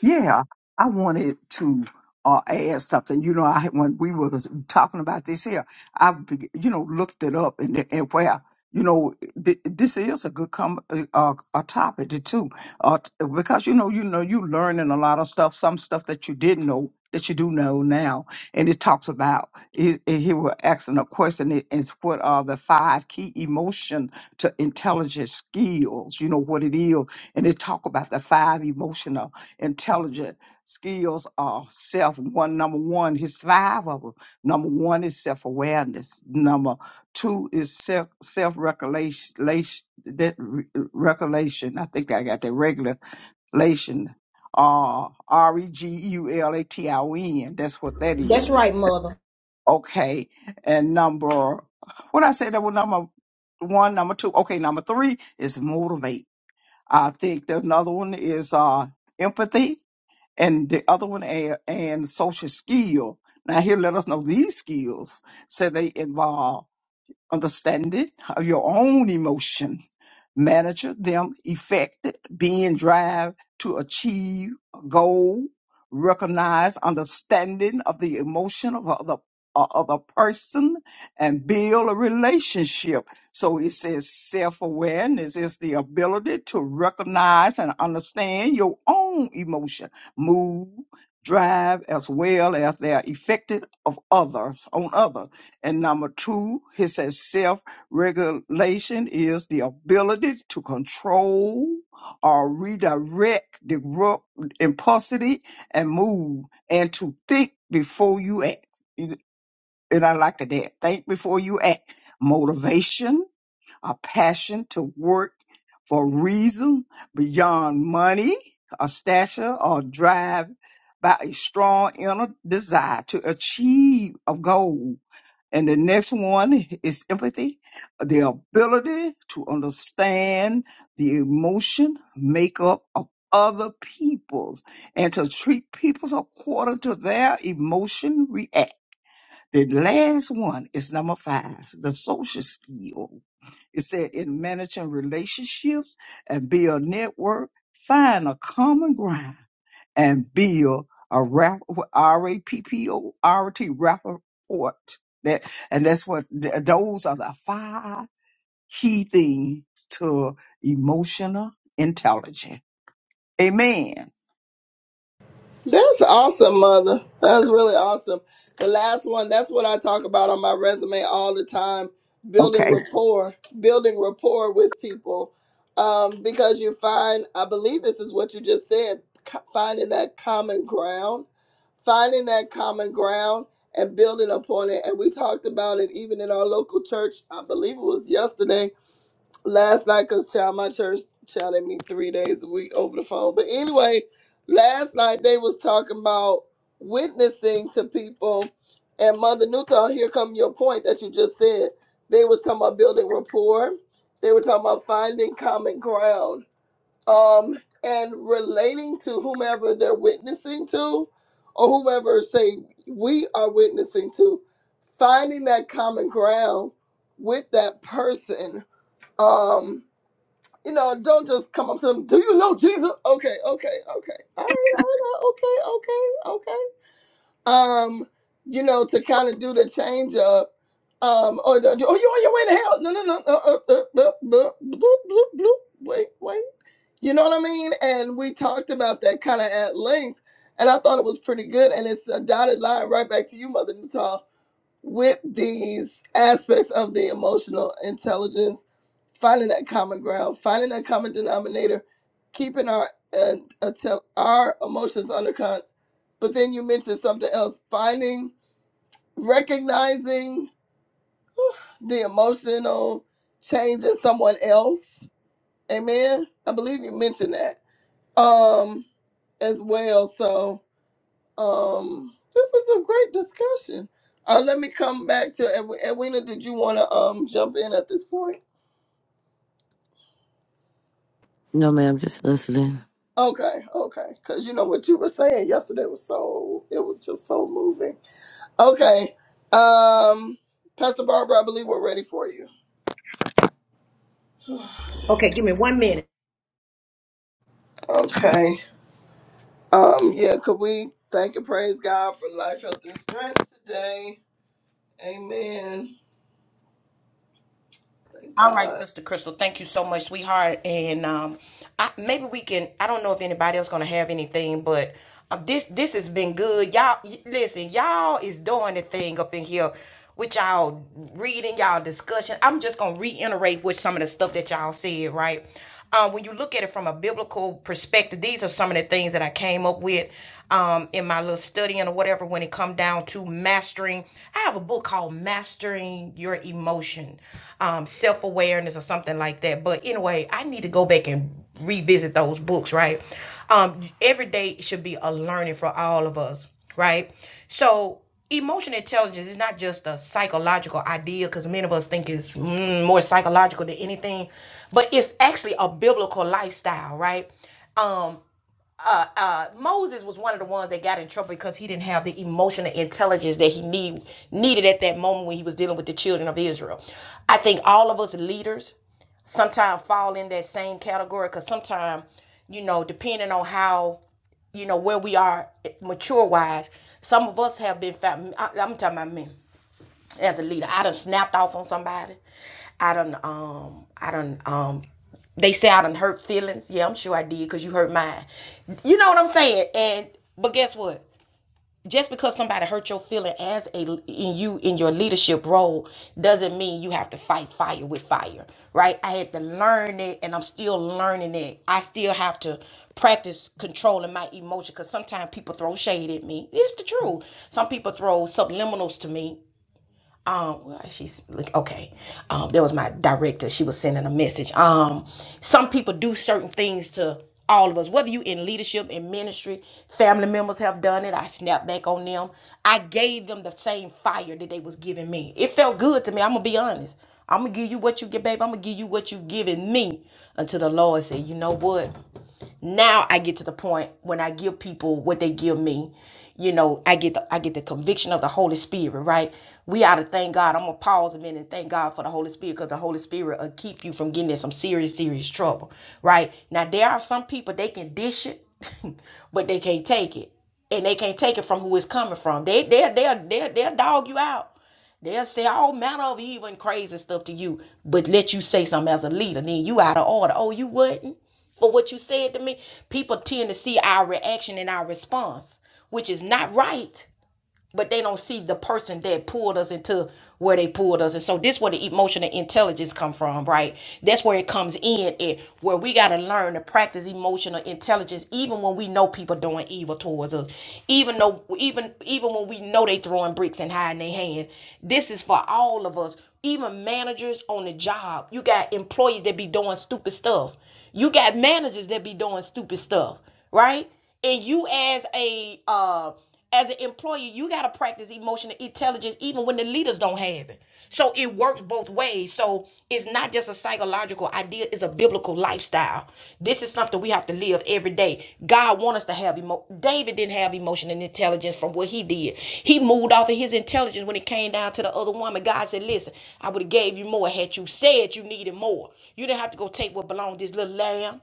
[SPEAKER 5] Yeah, I wanted to uh, add something. You know, I when we were talking about this here, I be- you know looked it up and and where you know th- this is a good com- uh, a topic too, uh, t- because you know you know you learning a lot of stuff, some stuff that you didn't know that you do know now, and it talks about it, it- he was asking a question it- it's what are the five key emotion to intelligence skills? You know what it is, and it talk about the five emotional intelligent skills are self one number one his five of them number one is self-awareness number two is self self-recolation that re- i think i got that regulation uh r-e-g-u-l-a-t-i-o-n that's what that is
[SPEAKER 1] That's right, mother.
[SPEAKER 5] okay and number what i said that was number one number two okay number three is motivate i think the another one is uh empathy and the other one and, and social skill. Now here, let us know these skills said they involve understanding of your own emotion, manager them effected, being drive to achieve a goal, recognize understanding of the emotion of other of other person and build a relationship. So it says self-awareness is the ability to recognize and understand your own emotion, move, drive as well as their effected of others on others and number two, he says self regulation is the ability to control or redirect the gru- impulsivity and move and to think before you act. And I like that. Think before you act. Motivation, a passion to work for reason beyond money, a stature or drive by a strong inner desire to achieve a goal and the next one is empathy, the ability to understand the emotion makeup of other people's and to treat people's according to their emotion react. The last one is number five, the social skill it said in managing relationships and build network, find a common ground and build a rap, R-A-P-P-O, R-T rapport. That, and that's what, th- those are the five key things to emotional intelligence. Amen.
[SPEAKER 4] That's awesome, mother. That's really awesome. The last one, that's what I talk about on my resume all the time building
[SPEAKER 5] Okay.
[SPEAKER 4] rapport, building rapport with people. Um, because you find, I believe this is what you just said, co- finding that common ground, finding that common ground and building upon it. And we talked about it even in our local church, I believe it was yesterday last night because child my church child at me three days a week over the phone but anyway last night they was talking about witnessing to people and mother newton here come your point that you just said they was talking about building rapport they were talking about finding common ground um and relating to whomever they're witnessing to or whomever say we are witnessing to finding that common ground with that person um you know, don't just come up to them. Do you know Jesus? Okay, okay, okay. All right, all right, okay, okay, okay. Um, you know, to kind of do the change up. Um, or the, oh, you on your way to hell? No, no, no, no. Uh, uh, uh, bloop, bloop, bloop, bloop. Wait, wait. You know what I mean? And we talked about that kind of at length, and I thought it was pretty good. And it's a dotted line right back to you, Mother Natal with these aspects of the emotional intelligence, finding that common ground, finding that common denominator, keeping our uh, atten- our emotions under control. But then you mentioned something else: finding, recognizing the emotional change in someone else. Amen. I believe you mentioned that um as well. So um, this was a great discussion. Uh, let me come back to Edw- Edwina. Did you want to um jump in at this point?
[SPEAKER 2] No, ma'am, just listening.
[SPEAKER 4] Okay, okay, because you know what you were saying yesterday was so it was just so moving. Okay, um, Pastor Barbara, I believe we're ready for you.
[SPEAKER 1] Okay, give me one minute.
[SPEAKER 4] Okay. Um, yeah, could we thank and praise God for life, health, and strength today? Amen. Thank
[SPEAKER 1] All right,
[SPEAKER 4] God.
[SPEAKER 1] Sister Crystal, thank you so much, sweetheart. And um, I, maybe we can. I don't know if anybody else gonna have anything, but um, this this has been good. Y'all, y- listen, y'all is doing the thing up in here with y'all reading, y'all discussion. I'm just gonna reiterate with some of the stuff that y'all said, right? Uh, when you look at it from a biblical perspective, these are some of the things that I came up with um, in my little studying or whatever when it come down to mastering. I have a book called Mastering Your Emotion, um, self awareness or something like that. But anyway, I need to go back and revisit those books, right? Um, every day should be a learning for all of us, right? So emotional intelligence is not just a psychological idea because many of us think it's mm, more psychological than anything but it's actually a biblical lifestyle right Um, uh, uh, Moses was one of the ones that got in trouble because he didn't have the emotional intelligence that he need, needed at that moment when he was dealing with the children of Israel. I think all of us leaders sometimes fall in that same category because sometimes, you know, depending on how, you know, where we are mature wise, some of us have been found, I- I'm talking about me as a leader. I done snapped off on somebody. I done um I done um they say I done hurt feelings. Yeah, I'm sure I did because you hurt mine. You know what I'm saying? And but guess what? Just because somebody hurt your feeling as a in you in your leadership role doesn't mean you have to fight fire with fire, right? I had to learn it, and I'm still learning it. I still have to practice controlling my emotion because sometimes people throw shade at me. It's the truth. Some people throw subliminals to me um well she's like okay um there was my director she was sending a message um some people do certain things to all of us whether you in leadership in ministry family members have done it i snapped back on them i gave them the same fire that they was giving me it felt good to me i'm gonna be honest i'm gonna give you what you get babe i'm gonna give you what you giving me until the lord said you know what now I get to the point when I give people what they give me, you know, I get the I get the conviction of the Holy Spirit, right? We ought to thank God. I'm gonna pause a minute and thank God for the Holy Spirit because the Holy Spirit will keep you from getting in some serious, serious trouble, right? Now there are some people they can dish it, but they can't take it. And they can't take it from who it's coming from. They they'll they'll they'll, they'll dog you out. They'll say all manner of evil and crazy stuff to you, but let you say something as a leader, then you out of order. Oh, you wouldn't? for what you said to me, people tend to see our reaction and our response, which is not right but they don't see the person that pulled us into where they pulled us and so this is where the emotional intelligence come from right that's where it comes in it where we got to learn to practice emotional intelligence even when we know people doing evil towards us even though even even when we know they throwing bricks and hiding their hands this is for all of us even managers on the job you got employees that be doing stupid stuff you got managers that be doing stupid stuff right and you as a uh as an employee, you got to practice emotional intelligence even when the leaders don't have it. So it works both ways. So it's not just a psychological idea, it's a biblical lifestyle. This is something we have to live every day. God wants us to have emo David didn't have emotional intelligence from what he did. He moved off of his intelligence when it came down to the other woman. God said, Listen, I would have gave you more had you said you needed more. You didn't have to go take what belonged to this little lamb.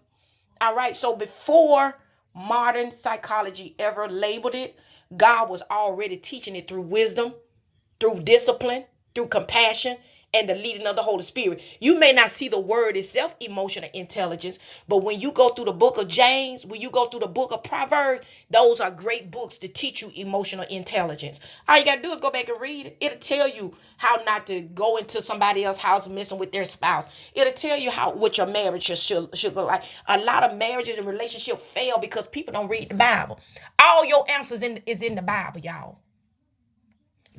[SPEAKER 1] All right. So before modern psychology ever labeled it, God was already teaching it through wisdom through discipline, through compassion, and the leading of the Holy Spirit. You may not see the word itself, emotional intelligence, but when you go through the book of James, when you go through the book of Proverbs, those are great books to teach you emotional intelligence. All you got to do is go back and read it. It'll tell you how not to go into somebody else's house messing with their spouse. It'll tell you how what your marriage should, should, should look like. A lot of marriages and relationships fail because people don't read the Bible. All your answers in, is in the Bible, y'all.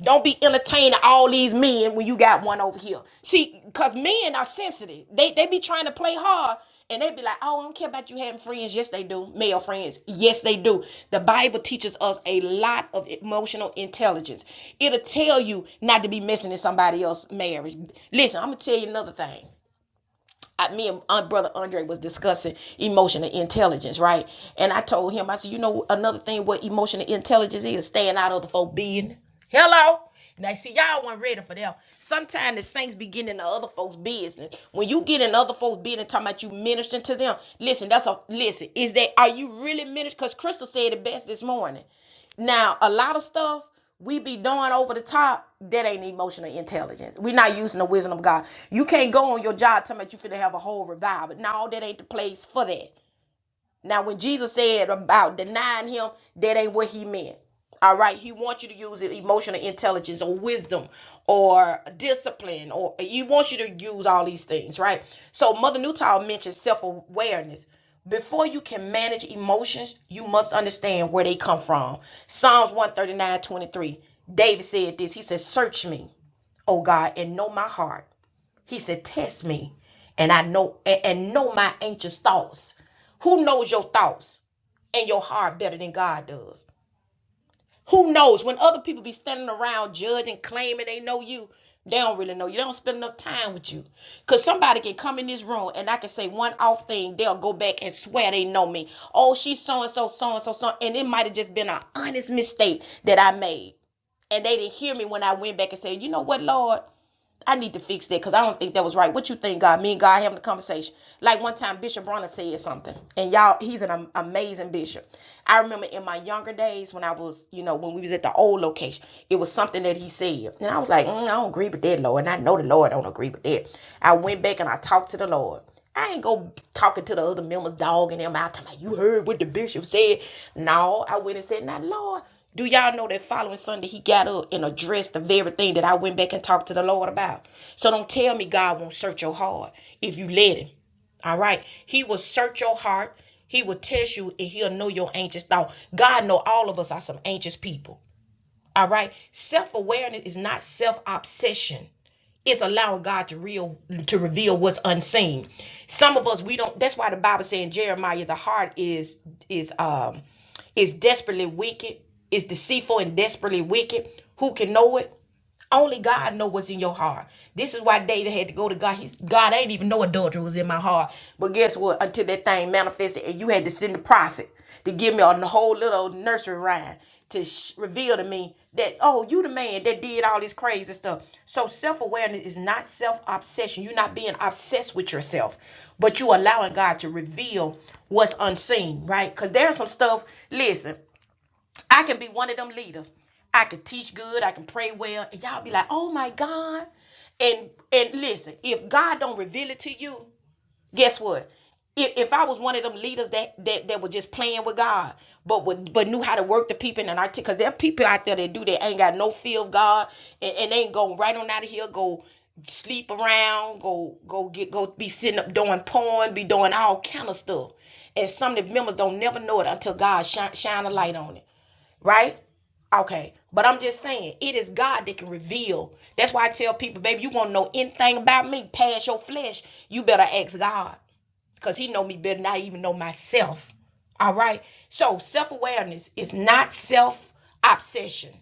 [SPEAKER 1] Don't be entertaining all these men when you got one over here. See, cause men are sensitive. They they be trying to play hard and they be like, oh, I don't care about you having friends. Yes, they do. Male friends. Yes, they do. The Bible teaches us a lot of emotional intelligence. It'll tell you not to be messing in somebody else's marriage. Listen, I'm gonna tell you another thing. I, me and uh, brother Andre was discussing emotional intelligence, right? And I told him, I said, you know, another thing what emotional intelligence is staying out of the folk business. Hello. Now see, y'all weren't ready for that. Sometimes the saints be getting into other folks' business. When you get in other folks' business, talking about you ministering to them. Listen, that's a listen. Is that are you really ministering? Because Crystal said it best this morning. Now, a lot of stuff we be doing over the top that ain't emotional intelligence. we not using the wisdom of God. You can't go on your job telling me you finna have a whole revival. No, that ain't the place for that. Now, when Jesus said about denying him, that ain't what he meant. All right, he wants you to use emotional intelligence or wisdom or discipline, or he wants you to use all these things, right? So, Mother Newtall mentioned self awareness. Before you can manage emotions, you must understand where they come from. Psalms one thirty-nine twenty-three. David said this He said, Search me, O God, and know my heart. He said, Test me, and I know and, and know my anxious thoughts. Who knows your thoughts and your heart better than God does? Who knows? When other people be standing around judging, claiming they know you, they don't really know you. They don't spend enough time with you. Cause somebody can come in this room and I can say one off thing, they'll go back and swear they know me. Oh, she's so and so, so and so, so, and it might have just been an honest mistake that I made and they didn't hear me when I went back and said, you know what, Lord, I need to fix that because I don't think that was right. What you think, God? Me and God having a conversation. Like one time, Bishop Bronner said something, and y'all, he's an amazing bishop. I remember in my younger days when I was, you know, when we was at the old location, it was something that he said, and I was like, mm, I don't agree with that, Lord, and I know the Lord don't agree with that. I went back and I talked to the Lord. I ain't go talking to the other members, dogging them out. Talking about, you heard what the bishop said. No, I went and said, now, Lord, do y'all know that following Sunday he got up and addressed the very thing that I went back and talked to the Lord about? So don't tell me God won't search your heart if you let him. All right. He will search your heart. He will test you and he'll know your anxious thought. God know all of us are some anxious people. All right. Self awareness is not self obsession. It's allowing God to real to reveal what's unseen. Some of us we don't. That's why the Bible said in Jeremiah, the heart is is um is desperately wicked, is deceitful and desperately wicked. Who can know it? Only God knows what's in your heart. This is why David had to go to God. He's God, I didn't even know adultery was in my heart. But guess what? Until that thing manifested, and you had to send the prophet to give me a whole little nursery rhyme to sh- reveal to me that oh you the man that did all this crazy stuff so self-awareness is not self-obsession you're not being obsessed with yourself but you allowing god to reveal what's unseen right because there's some stuff listen I can be one of them leaders. I can teach good. I can pray well. And y'all be like, oh my God. And and listen, if God don't reveal it to you, guess what? If, if I was one of them leaders that that that were just playing with God, but would, but knew how to work the people, and I because there are people out there that do that ain't got no fear of God, and, and they ain't going right on out of here, go sleep around, go go get go be sitting up doing porn, be doing all kind of stuff, and some of the members don't never know it until God shine shine a light on it right? Okay. But I'm just saying, it is God that can reveal. That's why I tell people, baby, you want to know anything about me past your flesh, you better ask God. Because he know me better than I even know myself. All right. So self-awareness is not self-obsession.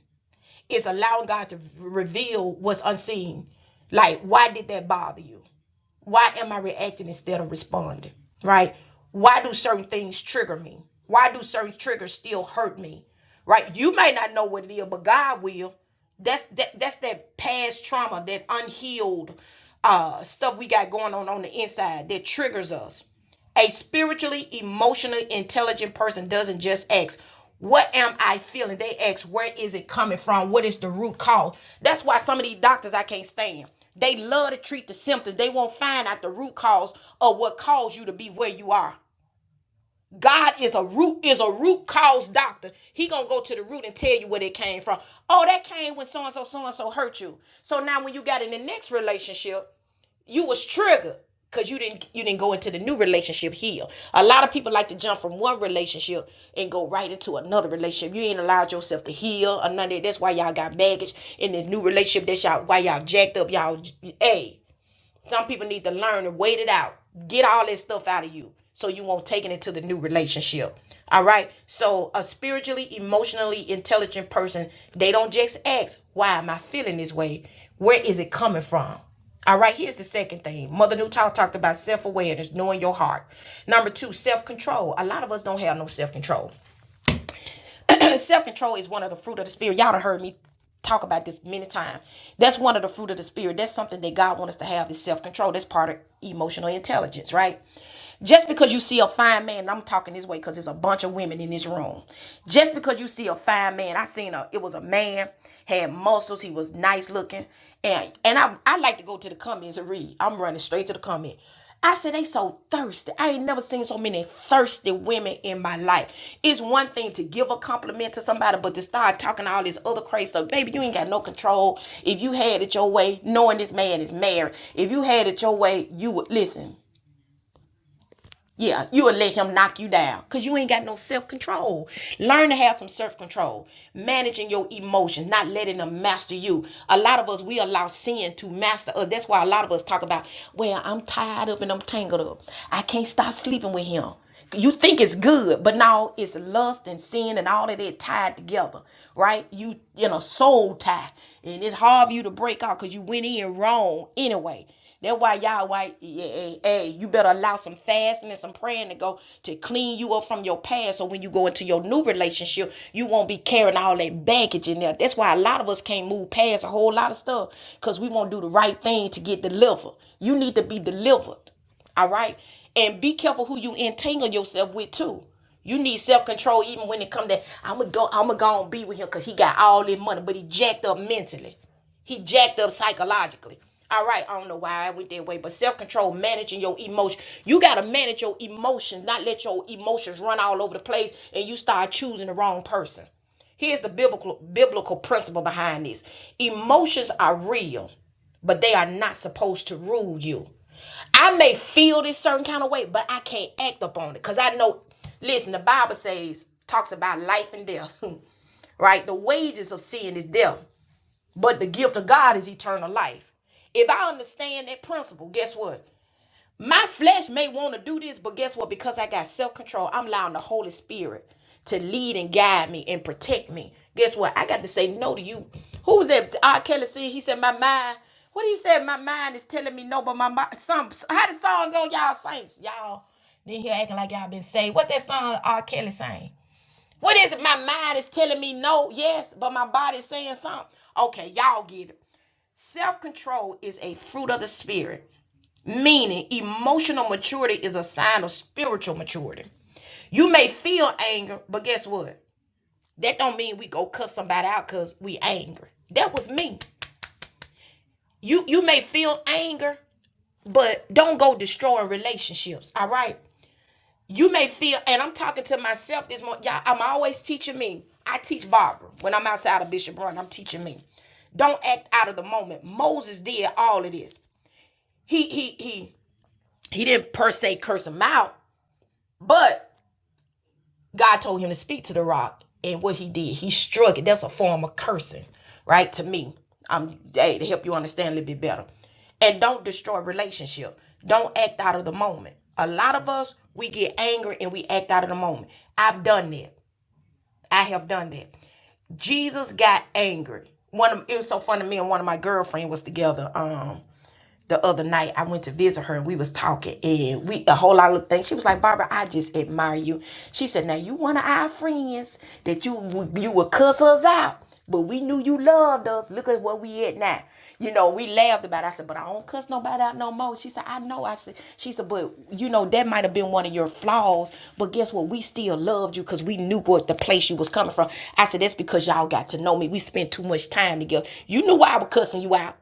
[SPEAKER 1] It's allowing God to reveal what's unseen. Like, why did that bother you? Why am I reacting instead of responding? Right? Why do certain things trigger me? Why do certain triggers still hurt me? Right? You may not know what it is, but God will. That's that that's that past trauma, that unhealed uh stuff we got going on on the inside that triggers us a spiritually, emotionally intelligent person doesn't just ask, What am I feeling? They ask, Where is it coming from? What is the root cause? That's why some of these doctors I can't stand. They love to treat the symptoms, they won't find out the root cause of what caused you to be where you are. God is a root is a root cause doctor. He gonna go to the root and tell you where it came from. Oh, that came when so and so so and so hurt you. So now when you got in the next relationship, you was triggered because you didn't you didn't go into the new relationship healed. A lot of people like to jump from one relationship and go right into another relationship. You ain't allowed yourself to heal or none of that. That's why y'all got baggage in this new relationship. That's y'all why y'all jacked up. Y'all hey. Some people need to learn to wait it out. Get all this stuff out of you so you won't take it into the new relationship. All right. So a spiritually, emotionally intelligent person, they don't just ask, why am I feeling this way? Where is it coming from? All right, here's the second thing. Mother Newtown talked about self awareness, knowing your heart. Number two, self control. A lot of us don't have no self control. self control is one of the fruit of the spirit. Y'all done heard me talk about this many times. That's one of the fruit of the spirit. That's something that God wants us to have is self control. That's part of emotional intelligence, right? Just because you see a fine man, and I'm talking this way because there's a bunch of women in this room. Just because you see a fine man, I seen a it was a man, had muscles, he was nice looking. And and I I like to go to the comments and read. I'm running straight to the comment. I said they so thirsty. I ain't never seen so many thirsty women in my life. It's one thing to give a compliment to somebody, but to start talking all this other crazy stuff, baby, you ain't got no control. If you had it your way, knowing this man is married, if you had it your way, you would listen. Yeah, you would let him knock you down because you ain't got no self control. Learn to have some self control, managing your emotions, not letting them master you. A lot of us, we allow sin to master us. That's why a lot of us talk about, well, I'm tied up and I'm tangled up. I can't stop sleeping with him. You think it's good, but now it's lust and sin and all of that tied together, right? You you know, soul tie, and it's hard for you to break out because you went in wrong anyway. That's why y'all white, hey, hey, you better allow some fasting and some praying to go to clean you up from your past. So when you go into your new relationship, you won't be carrying all that baggage in there. That's why a lot of us can't move past a whole lot of stuff because we won't do the right thing to get delivered. You need to be delivered. All right. And be careful who you entangle yourself with too. You need self control even when it come to I'ma go I'ma go and be with him because he got all this money, but he jacked up mentally. He jacked up psychologically. All right, I don't know why I went that way, but self control, managing your emotions. You got to manage your emotions, not let your emotions run all over the place and you start choosing the wrong person. Here's the biblical biblical principle behind this. Emotions are real, but they are not supposed to rule you. I may feel this certain kind of way, but I can't act upon it because I know. Listen, the Bible says talks about life and death, right? The wages of sin is death. But the gift of God is eternal life. If I understand that principle, guess what? My flesh may want to do this, but guess what? Because I got self control, I'm allowing the Holy Spirit to lead and guide me and protect me. Guess what? I got to say no to you. Who was that? R. Kelly said, he said, my mind, what he said, my mind is telling me no, but my mind, some, how the song go, y'all saints, y'all. Then here acting like y'all been saved. What that song R. Kelly sang? What is it? My mind is telling me no, yes, but my body's saying something. Okay, y'all get it. Self control is a fruit of the spirit, meaning emotional maturity is a sign of spiritual maturity. You may feel anger, but guess what? That don't mean we go cuss somebody out because we angry. That was me. You you may feel anger, but don't go destroying relationships. All right. You may feel, and I'm talking to myself this morning. Y'all, I'm always teaching me. I teach Barbara when I'm outside of Bishop Brown. I'm teaching me. Don't act out of the moment. Moses did all of this. He he he. He didn't per se curse him out, but God told him to speak to the rock. And what he did, he struck it. That's a form of cursing, right? To me, I'm hey, to help you understand a little bit better. And don't destroy relationship. Don't act out of the moment. A lot of us, we get angry and we act out of the moment. I've done that. I have done that. Jesus got angry. One of it was so funny. Me and one of my girlfriend was together. Um, the other night I went to visit her and we was talking and we a whole lot of things. She was like, Barbara, I just admire you. She said, Now you one of our friends that you would- you would cuss us out, but we knew you loved us. Look at where we at now. You know, we laughed about it. I said, but I don't cuss nobody out no more. She said, I know. I said, she said, but you know, that might have been one of your flaws, but guess what? We still loved you because we knew what the place you was coming from. I said, that's because y'all got to know me. We spent too much time together. You knew why I was cussing you out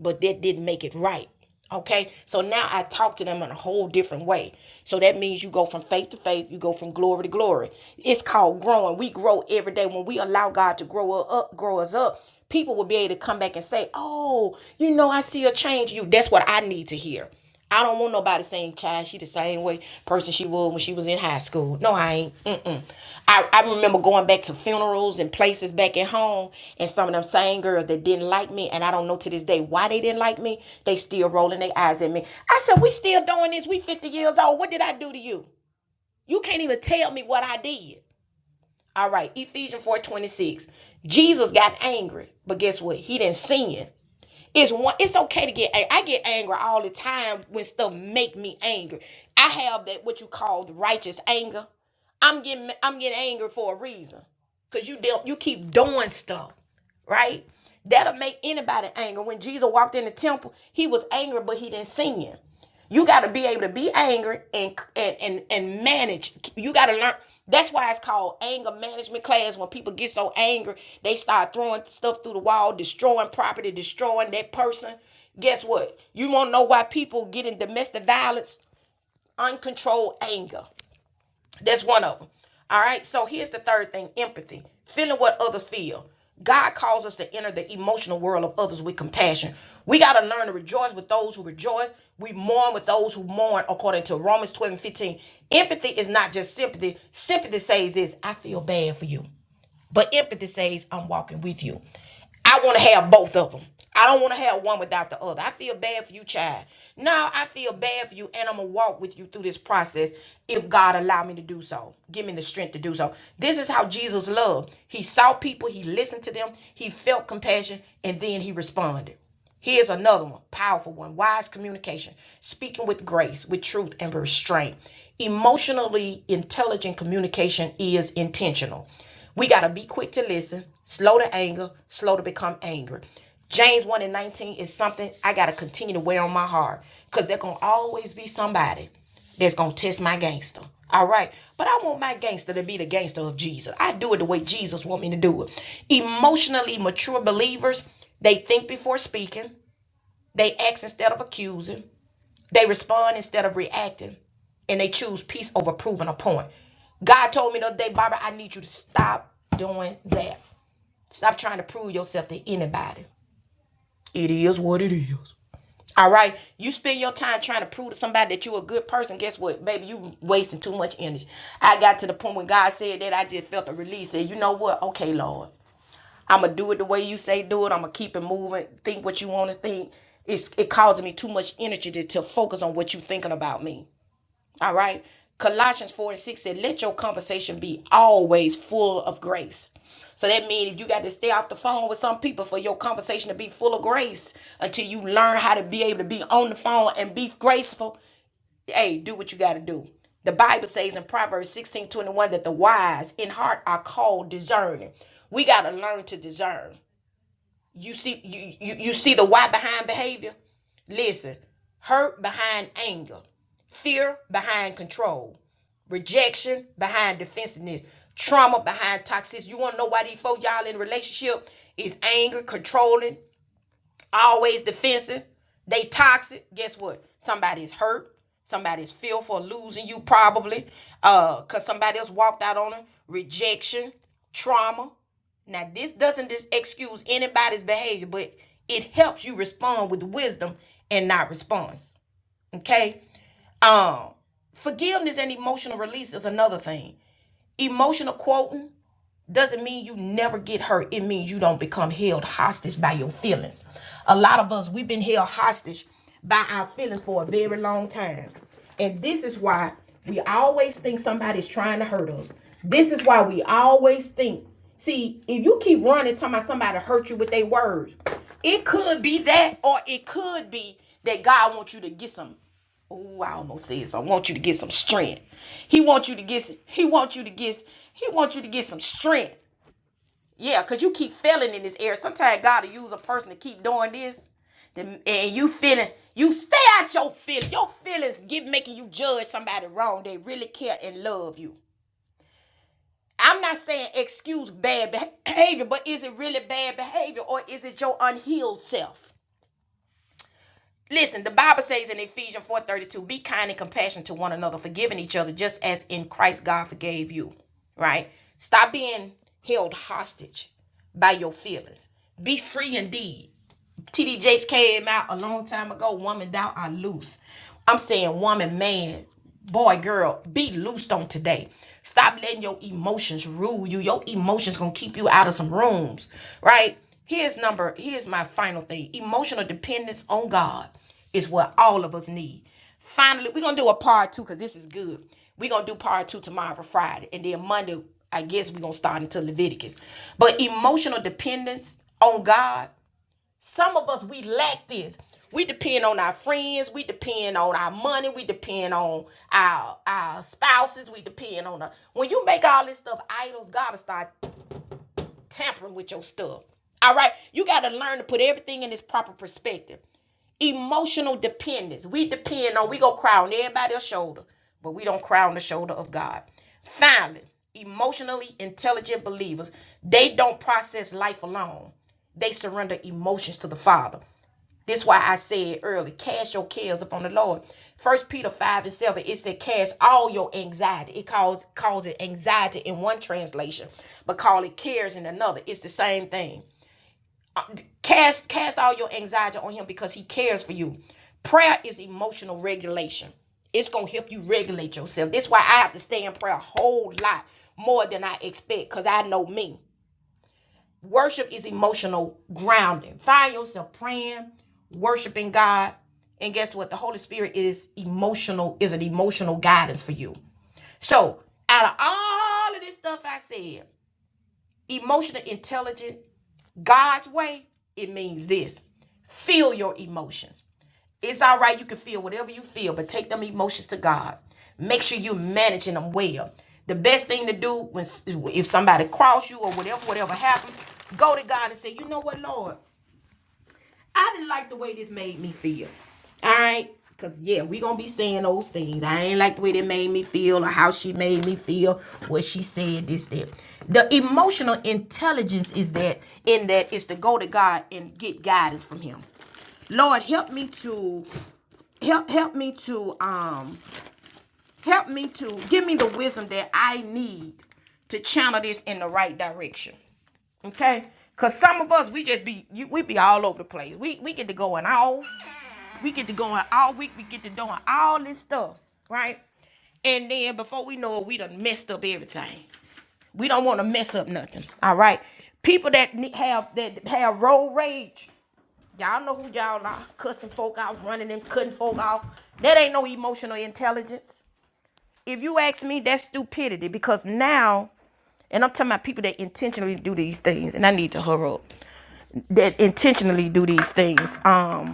[SPEAKER 1] but that didn't make it right. Okay, so now I talk to them in a whole different way. So that means you go from faith to faith, you go from glory to glory. It's called growing. We grow every day when we allow God to grow us up, grow us up. People will be able to come back and say, "Oh, you know, I see a change." in You. That's what I need to hear. I don't want nobody saying, child, she the same way person she was when she was in high school. No, I ain't. Mm-mm. I, I remember going back to funerals and places back at home, and some of them same girls that didn't like me, and I don't know to this day why they didn't like me, they still rolling their eyes at me. I said, we still doing this. We 50 years old. What did I do to you? You can't even tell me what I did. All right, Ephesians 4.26. Jesus got angry, but guess what? He didn't sin. It's one. It's okay to get. ang- I get angry all the time when stuff make me angry. I have that what you call the righteous anger. I'm getting. I'm getting angry for a reason. Cause you don't. You keep doing stuff, right? That'll make anybody angry. When Jesus walked in the temple, he was angry, but he didn't sin. You got to be able to be angry and and and, and manage. You got to learn. That's why it's called anger management class. When people get so angry, they start throwing stuff through the wall, destroying property, destroying that person. Guess what? You want to know why people get in domestic violence? Uncontrolled anger. That's one of them. All right. So here's the third thing empathy, feeling what others feel. God calls us to enter the emotional world of others with compassion. We got to learn to rejoice with those who rejoice. We mourn with those who mourn, according to Romans 12 and 15. Empathy is not just sympathy. Sympathy says this I feel bad for you. But empathy says, I'm walking with you. I want to have both of them. I don't want to have one without the other. I feel bad for you, child. No, I feel bad for you, and I'm gonna walk with you through this process if God allow me to do so. Give me the strength to do so. This is how Jesus loved. He saw people, he listened to them, he felt compassion, and then he responded. Here's another one, powerful one. Wise communication, speaking with grace, with truth and restraint. Emotionally intelligent communication is intentional. We got to be quick to listen, slow to anger, slow to become angry. James 1 and 19 is something I got to continue to wear on my heart because there going to always be somebody that's gonna test my gangster. All right. But I want my gangster to be the gangster of Jesus. I do it the way Jesus want me to do it. Emotionally mature believers, they think before speaking, they act instead of accusing, they respond instead of reacting, and they choose peace over proving a point. God told me the other day, Barbara, I need you to stop doing that. Stop trying to prove yourself to anybody. It is what it is. All right. You spend your time trying to prove to somebody that you're a good person. Guess what? Baby, you wasting too much energy. I got to the point when God said that, I just felt a release. Said, you know what? Okay, Lord. I'ma do it the way you say do it. I'ma keep it moving. Think what you want to think. It's it causes me too much energy to, to focus on what you thinking about me. All right. Colossians 4 and 6 said, Let your conversation be always full of grace. So that means if you got to stay off the phone with some people for your conversation to be full of grace until you learn how to be able to be on the phone and be graceful, hey, do what you got to do. The Bible says in Proverbs 16 21 that the wise in heart are called discerning. We got to learn to discern. You see, you, you, you see the why behind behavior? Listen, hurt behind anger, fear behind control, rejection behind defensiveness, trauma behind toxicity. You want to know why these folk y'all in a relationship is angry, controlling, always defensive. They toxic. Guess what? Somebody's hurt. Somebody's fearful of losing you probably, uh, cause somebody else walked out on them. Rejection, trauma. Now this doesn't just excuse anybody's behavior, but it helps you respond with wisdom and not response. Okay. Um, forgiveness and emotional release is another thing. Emotional quoting doesn't mean you never get hurt. It means you don't become held hostage by your feelings. A lot of us we've been held hostage by our feelings for a very long time. And this is why we always think somebody's trying to hurt us. This is why we always think. See, if you keep running talking about somebody hurt you with their words, it could be that, or it could be that God wants you to get some. Oh, I almost said so. I want you to get some strength. He wants you to get he wants you to get he wants you to get some strength. Yeah, because you keep failing in this area. Sometimes God will use a person to keep doing this. then- And you feeling you stay out your feelings. Your feelings get making you judge somebody wrong. They really care and love you. I'm not saying excuse bad behavior, but is it really bad behavior or is it your unhealed self? Listen, the Bible says in Ephesians 4:32, be kind and compassionate to one another, forgiving each other, just as in Christ God forgave you. Right? Stop being held hostage by your feelings. Be free indeed. TD Jakes came out a long time ago. Woman, thou art loose. I'm saying, woman, man, boy, girl, be loosed on today. Stop letting your emotions rule you. Your emotions gonna keep you out of some rooms, right? Here's number. Here's my final thing. Emotional dependence on God is what all of us need. Finally, we're gonna do a part two because this is good. We're gonna do part two tomorrow for Friday, and then Monday, I guess we're gonna start into Leviticus. But emotional dependence on God some of us, we lack this. We depend on our friends. We depend on our money. We depend on our our spouses. We depend on the, when you make all this stuff idols. God to start tampering with your stuff. All right, you gotta learn to put everything in its proper perspective. Emotional dependence. We depend on. We go cry on everybody's shoulder, but we don't cry on the shoulder of God. Finally, emotionally intelligent believers. They don't process life alone they surrender emotions to the Father. This is why I said early, cast your cares upon the Lord. First Peter 5 and 7, it said, cast all your anxiety. It calls calls it anxiety in one translation, but call it cares in another. It's the same thing. Cast cast all your anxiety on him because he cares for you. Prayer is emotional regulation. It's gonna help you regulate yourself. This is why I have to stay in prayer a whole lot more than I expect, because I know me. Worship is emotional grounding. Find yourself praying, worshiping God, and guess what? The Holy Spirit is emotional, is an emotional guidance for you. So, out of all of this stuff I said, emotional intelligence, God's way, it means this. Feel your emotions. It's all right. You can feel whatever you feel, but take them emotions to God. Make sure you are managing them well. The best thing to do when if somebody cross you or whatever, whatever happened, go to God and say, you know what, Lord, I didn't like the way this made me feel. All right. Cause yeah, we gonna be saying those things. I ain't like the way that made me feel or how she made me feel, what she said, this, that. The emotional intelligence is that in that is to go to God and get guidance from him. Lord, help me to help help me to um help me to give me the wisdom that I need to channel this in the right direction. Okay? Cause some of us we just be you, we be all over the place. We we get to going all we get to going all week, we get to doing all this stuff, right? And then before we know it, we done messed up everything. We don't want to mess up nothing. All right. People that ne- have that have road rage Y'all know who y'all are. Cussing folk out, running and cutting folk off. That ain't no emotional intelligence. If you ask me, that's stupidity because now, and I'm talking about people that intentionally do these things, and I need to hurry up. That intentionally do these things. Um.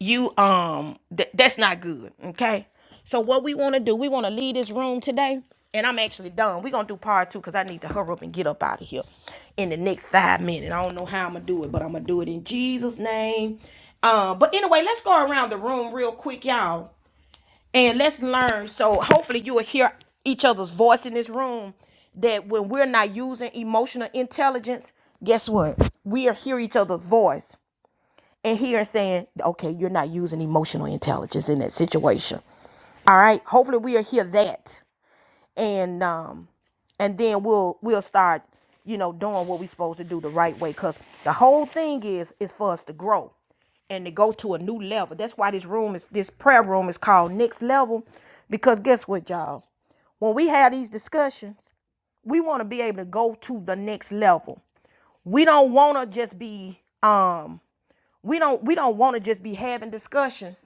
[SPEAKER 1] you um th- that's not good okay so what we want to do we want to leave this room today and i'm actually done we're gonna do part two because i need to hurry up and get up out of here in the next five minutes i don't know how i'm gonna do it but i'm gonna do it in jesus name um but anyway let's go around the room real quick y'all and let's learn so hopefully you will hear each other's voice in this room that when we're not using emotional intelligence guess what we'll hear each other's voice and here saying, okay, you're not using emotional intelligence in that situation. All right. Hopefully we'll hear that. And um and then we'll we'll start, you know, doing what we're supposed to do the right way. Cause the whole thing is is for us to grow and to go to a new level. That's why this room is this prayer room is called next level. Because guess what, y'all? When we have these discussions, we want to be able to go to the next level. We don't want to just be um we don't we don't want to just be having discussions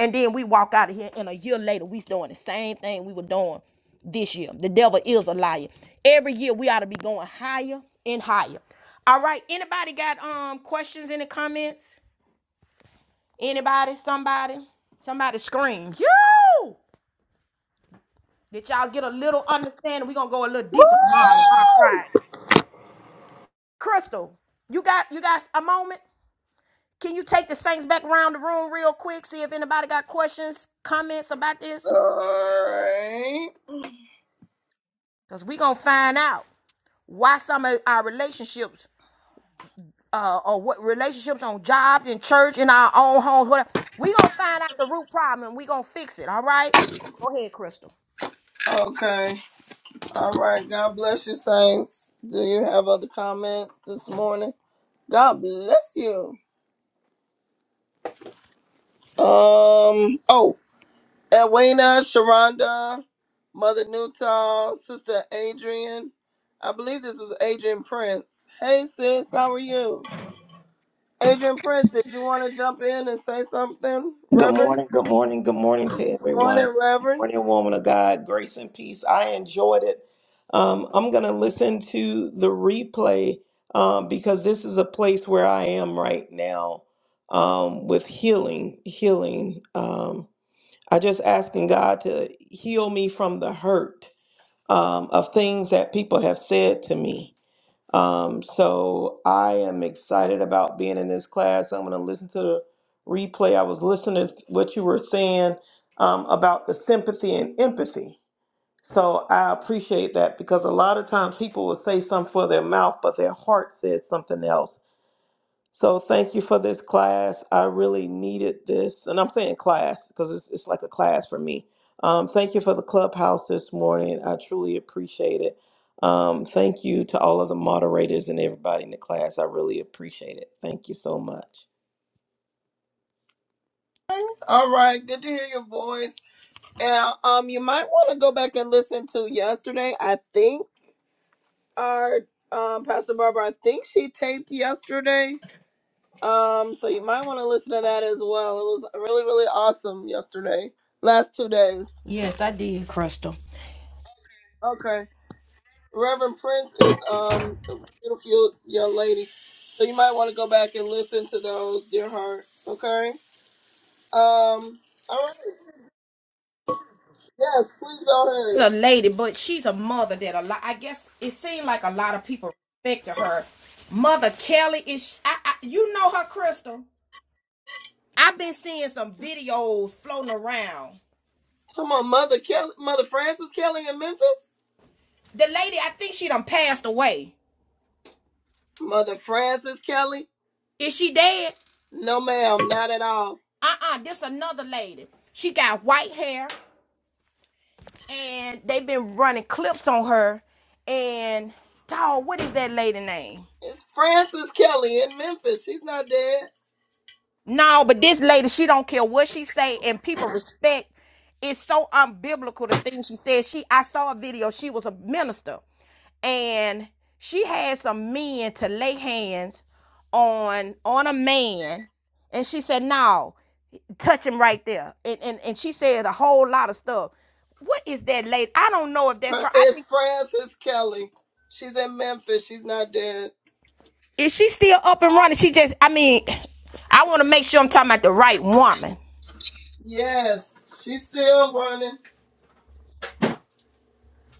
[SPEAKER 1] And then we walk out of here, and a year later, we doing the same thing we were doing this year. The devil is a liar. Every year, we ought to be going higher and higher. All right. Anybody got um questions in the comments? Anybody? Somebody? Somebody scream. You! Did y'all get a little understanding? We're gonna go a little deeper tomorrow, tomorrow
[SPEAKER 4] Woo!
[SPEAKER 1] Friday. Crystal, you got you got a moment? Can you take the Saints back around the room real quick? See if anybody got questions, comments about this?
[SPEAKER 4] All right.
[SPEAKER 1] Because we gonna find out. why some of our relationships uh, or what relationships on jobs in church in our own homes whatever we gonna find out the root problem and we gonna fix it all right go ahead crystal
[SPEAKER 4] Okay. All right. God bless you, Saints. Do you have other comments this morning? God bless you. Um. Oh, Edwina, Sharonda, Mother Newtall, Sister Adrian. I believe this is Adrian Prince. Hey, sis. How are you? Adrian Prince, did you want to jump in and say something,
[SPEAKER 6] Good
[SPEAKER 4] Reverend?
[SPEAKER 6] morning, good morning, good morning to
[SPEAKER 4] Good
[SPEAKER 6] everyone.
[SPEAKER 4] morning,
[SPEAKER 6] Good
[SPEAKER 4] Reverend.
[SPEAKER 6] morning, woman of God, grace and peace. I enjoyed it. Um, I'm going to listen to the replay um, because this is a place where I am right now um, with healing. Healing. Um, I just asking God to heal me from the hurt um, of things that people have said to me um, so I am excited about being in this class. I'm going to listen to the replay. I was listening to what you were saying um, about the sympathy and empathy. So I appreciate that because a lot of times people will say something for their mouth, but their heart says something else. So thank you for this class. I really needed this. And I'm saying class because it's, it's like a class for me. Um, thank you for the clubhouse this morning. I truly appreciate it. Um, thank you to all of the moderators and everybody in the class. I really appreciate it. Thank you so much.
[SPEAKER 4] All right. Good to hear your voice. And um, you might want to go back and listen to yesterday. I think. our um, Pastor Barbara, I think she taped yesterday. Um, so you might want to listen to that as well. It was really, really awesome yesterday. Last two days.
[SPEAKER 1] Yes, I did, Crystal.
[SPEAKER 4] Okay. Reverend Prince is um a beautiful young lady. So you might want to go back and listen to those, dear heart. Okay? Um all right. Yes, please go
[SPEAKER 1] She's
[SPEAKER 4] ahead.
[SPEAKER 1] a lady, but she's a mother that a lot. I guess it seemed like a lot of people respected her. Mother Kelly is. I, I, you know her, Crystal. I've been seeing some videos floating around.
[SPEAKER 4] Come on, Mother Kelly Mother Frances Kelly in Memphis?
[SPEAKER 1] The lady, I think she done passed away.
[SPEAKER 4] Mother Frances Kelly?
[SPEAKER 1] Is she dead?
[SPEAKER 4] No ma'am, not at all.
[SPEAKER 1] uh-uh this another lady she got white hair and they have been running clips on her and dog what is that lady name
[SPEAKER 4] It's Frances Kelly in Memphis. She's not dead.
[SPEAKER 1] No, but this lady, she don't care what she say, and people respect. It's so unbiblical the things she said. She, I saw a video. She was a minister, and she had some men to lay hands on on a man, and she said, "No, touch him right there." And and and she said a whole lot of stuff. What is that lady? I don't know if that's
[SPEAKER 4] Her-
[SPEAKER 1] her. I
[SPEAKER 4] It's
[SPEAKER 1] think
[SPEAKER 4] Frances Kelly. She's in Memphis. She's not dead.
[SPEAKER 1] is she still up and running? She just, I mean, I want to make sure I'm talking about the right woman.
[SPEAKER 4] Yes, she's still running.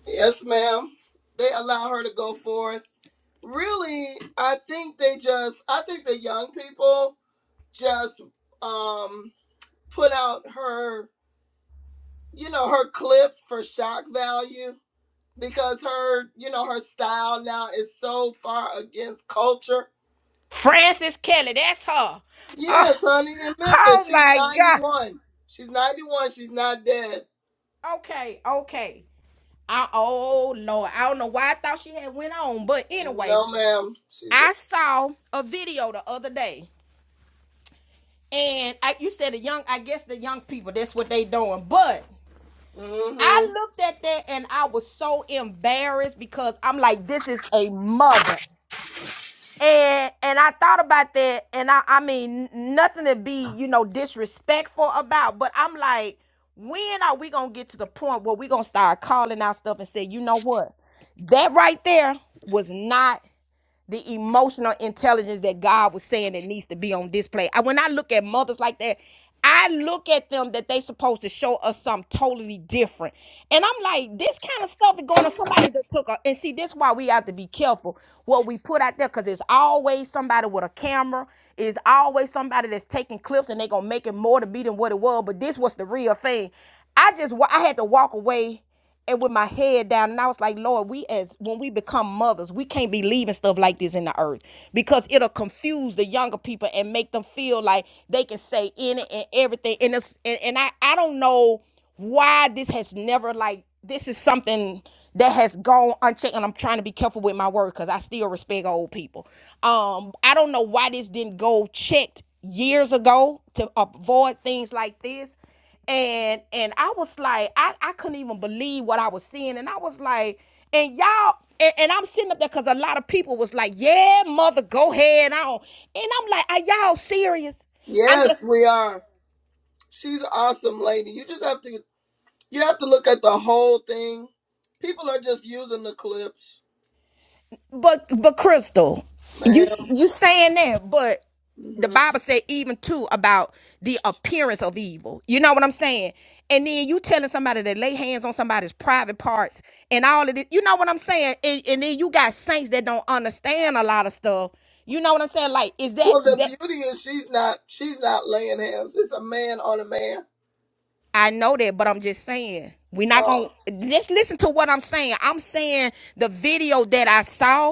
[SPEAKER 4] Yes, ma'am. They allow her to go forth. Really, I think they just, I think the young people just um put out her, you know, her clips for shock value because her, you know, her style now is so far against culture
[SPEAKER 1] Frances Kelly, that's her. Oh,
[SPEAKER 4] Yes, honey, in Memphis.
[SPEAKER 1] oh
[SPEAKER 4] She's
[SPEAKER 1] my God.
[SPEAKER 4] 91. She's 91. She's not dead.
[SPEAKER 1] Okay, okay. I, oh Lord, I don't know why I thought she had went on, but anyway,
[SPEAKER 4] No, ma'am. She's
[SPEAKER 1] I saw a video the other day, and I, you said the young, I guess the young people, that's what they doing. But
[SPEAKER 4] a.
[SPEAKER 1] I
[SPEAKER 4] Mm-hmm.
[SPEAKER 1] looked at that and I was so embarrassed because I'm like, this is a mother. And and I thought about that, and I I mean nothing to be you know disrespectful about, but I'm like, when are we gonna get to the point where we gonna start calling out stuff and say, you know what, that right there was not the emotional intelligence that God was saying that needs to be on display. I, when I look at mothers like that, I look at them that they supposed to show us something totally different. And I'm like, this kind of stuff is going on somebody that took a and see this is why we have to be careful what we put out there because it's always somebody with a camera, it's always somebody that's taking clips and they are gonna make it more to be than what it was. But this was the real thing. I just I had to walk away and with my head down and i was like lord we as when we become mothers we can't be leaving stuff like this in the earth because it'll confuse the younger people and make them feel like they can say any and everything and it's, and, and i i don't know why this has never like this is something that has gone unchecked and i'm trying to be careful with my word because i still respect old people um i don't know why this didn't go checked years ago to avoid things like this and and I was like, I, I couldn't even believe what I was seeing, and I was like, and y'all, and, and I'm sitting up there because a lot of people was like, yeah, mother, go ahead on, and I'm like, are y'all serious? I'm just
[SPEAKER 4] Yes, we are. She's an awesome lady. You just have to. You have to look at the whole thing. People are just using the clips,
[SPEAKER 1] But but Crystal,
[SPEAKER 4] ma'am.
[SPEAKER 1] you you saying that, but the
[SPEAKER 4] hmm
[SPEAKER 1] Bible said even too about the appearance of evil. You know what I'm saying? And then you telling somebody to lay hands on somebody's private parts and all of this. You know what I'm saying? And, and then you got saints that don't understand a lot of stuff. You know what I'm saying? Like, is that
[SPEAKER 4] Well, the
[SPEAKER 1] that?
[SPEAKER 4] beauty is she's not. She's not laying hands. It's a man on a man.
[SPEAKER 1] I know that, but I'm just saying we're not
[SPEAKER 4] Um,
[SPEAKER 1] gonna just listen to what I'm saying. I'm saying the video that I saw,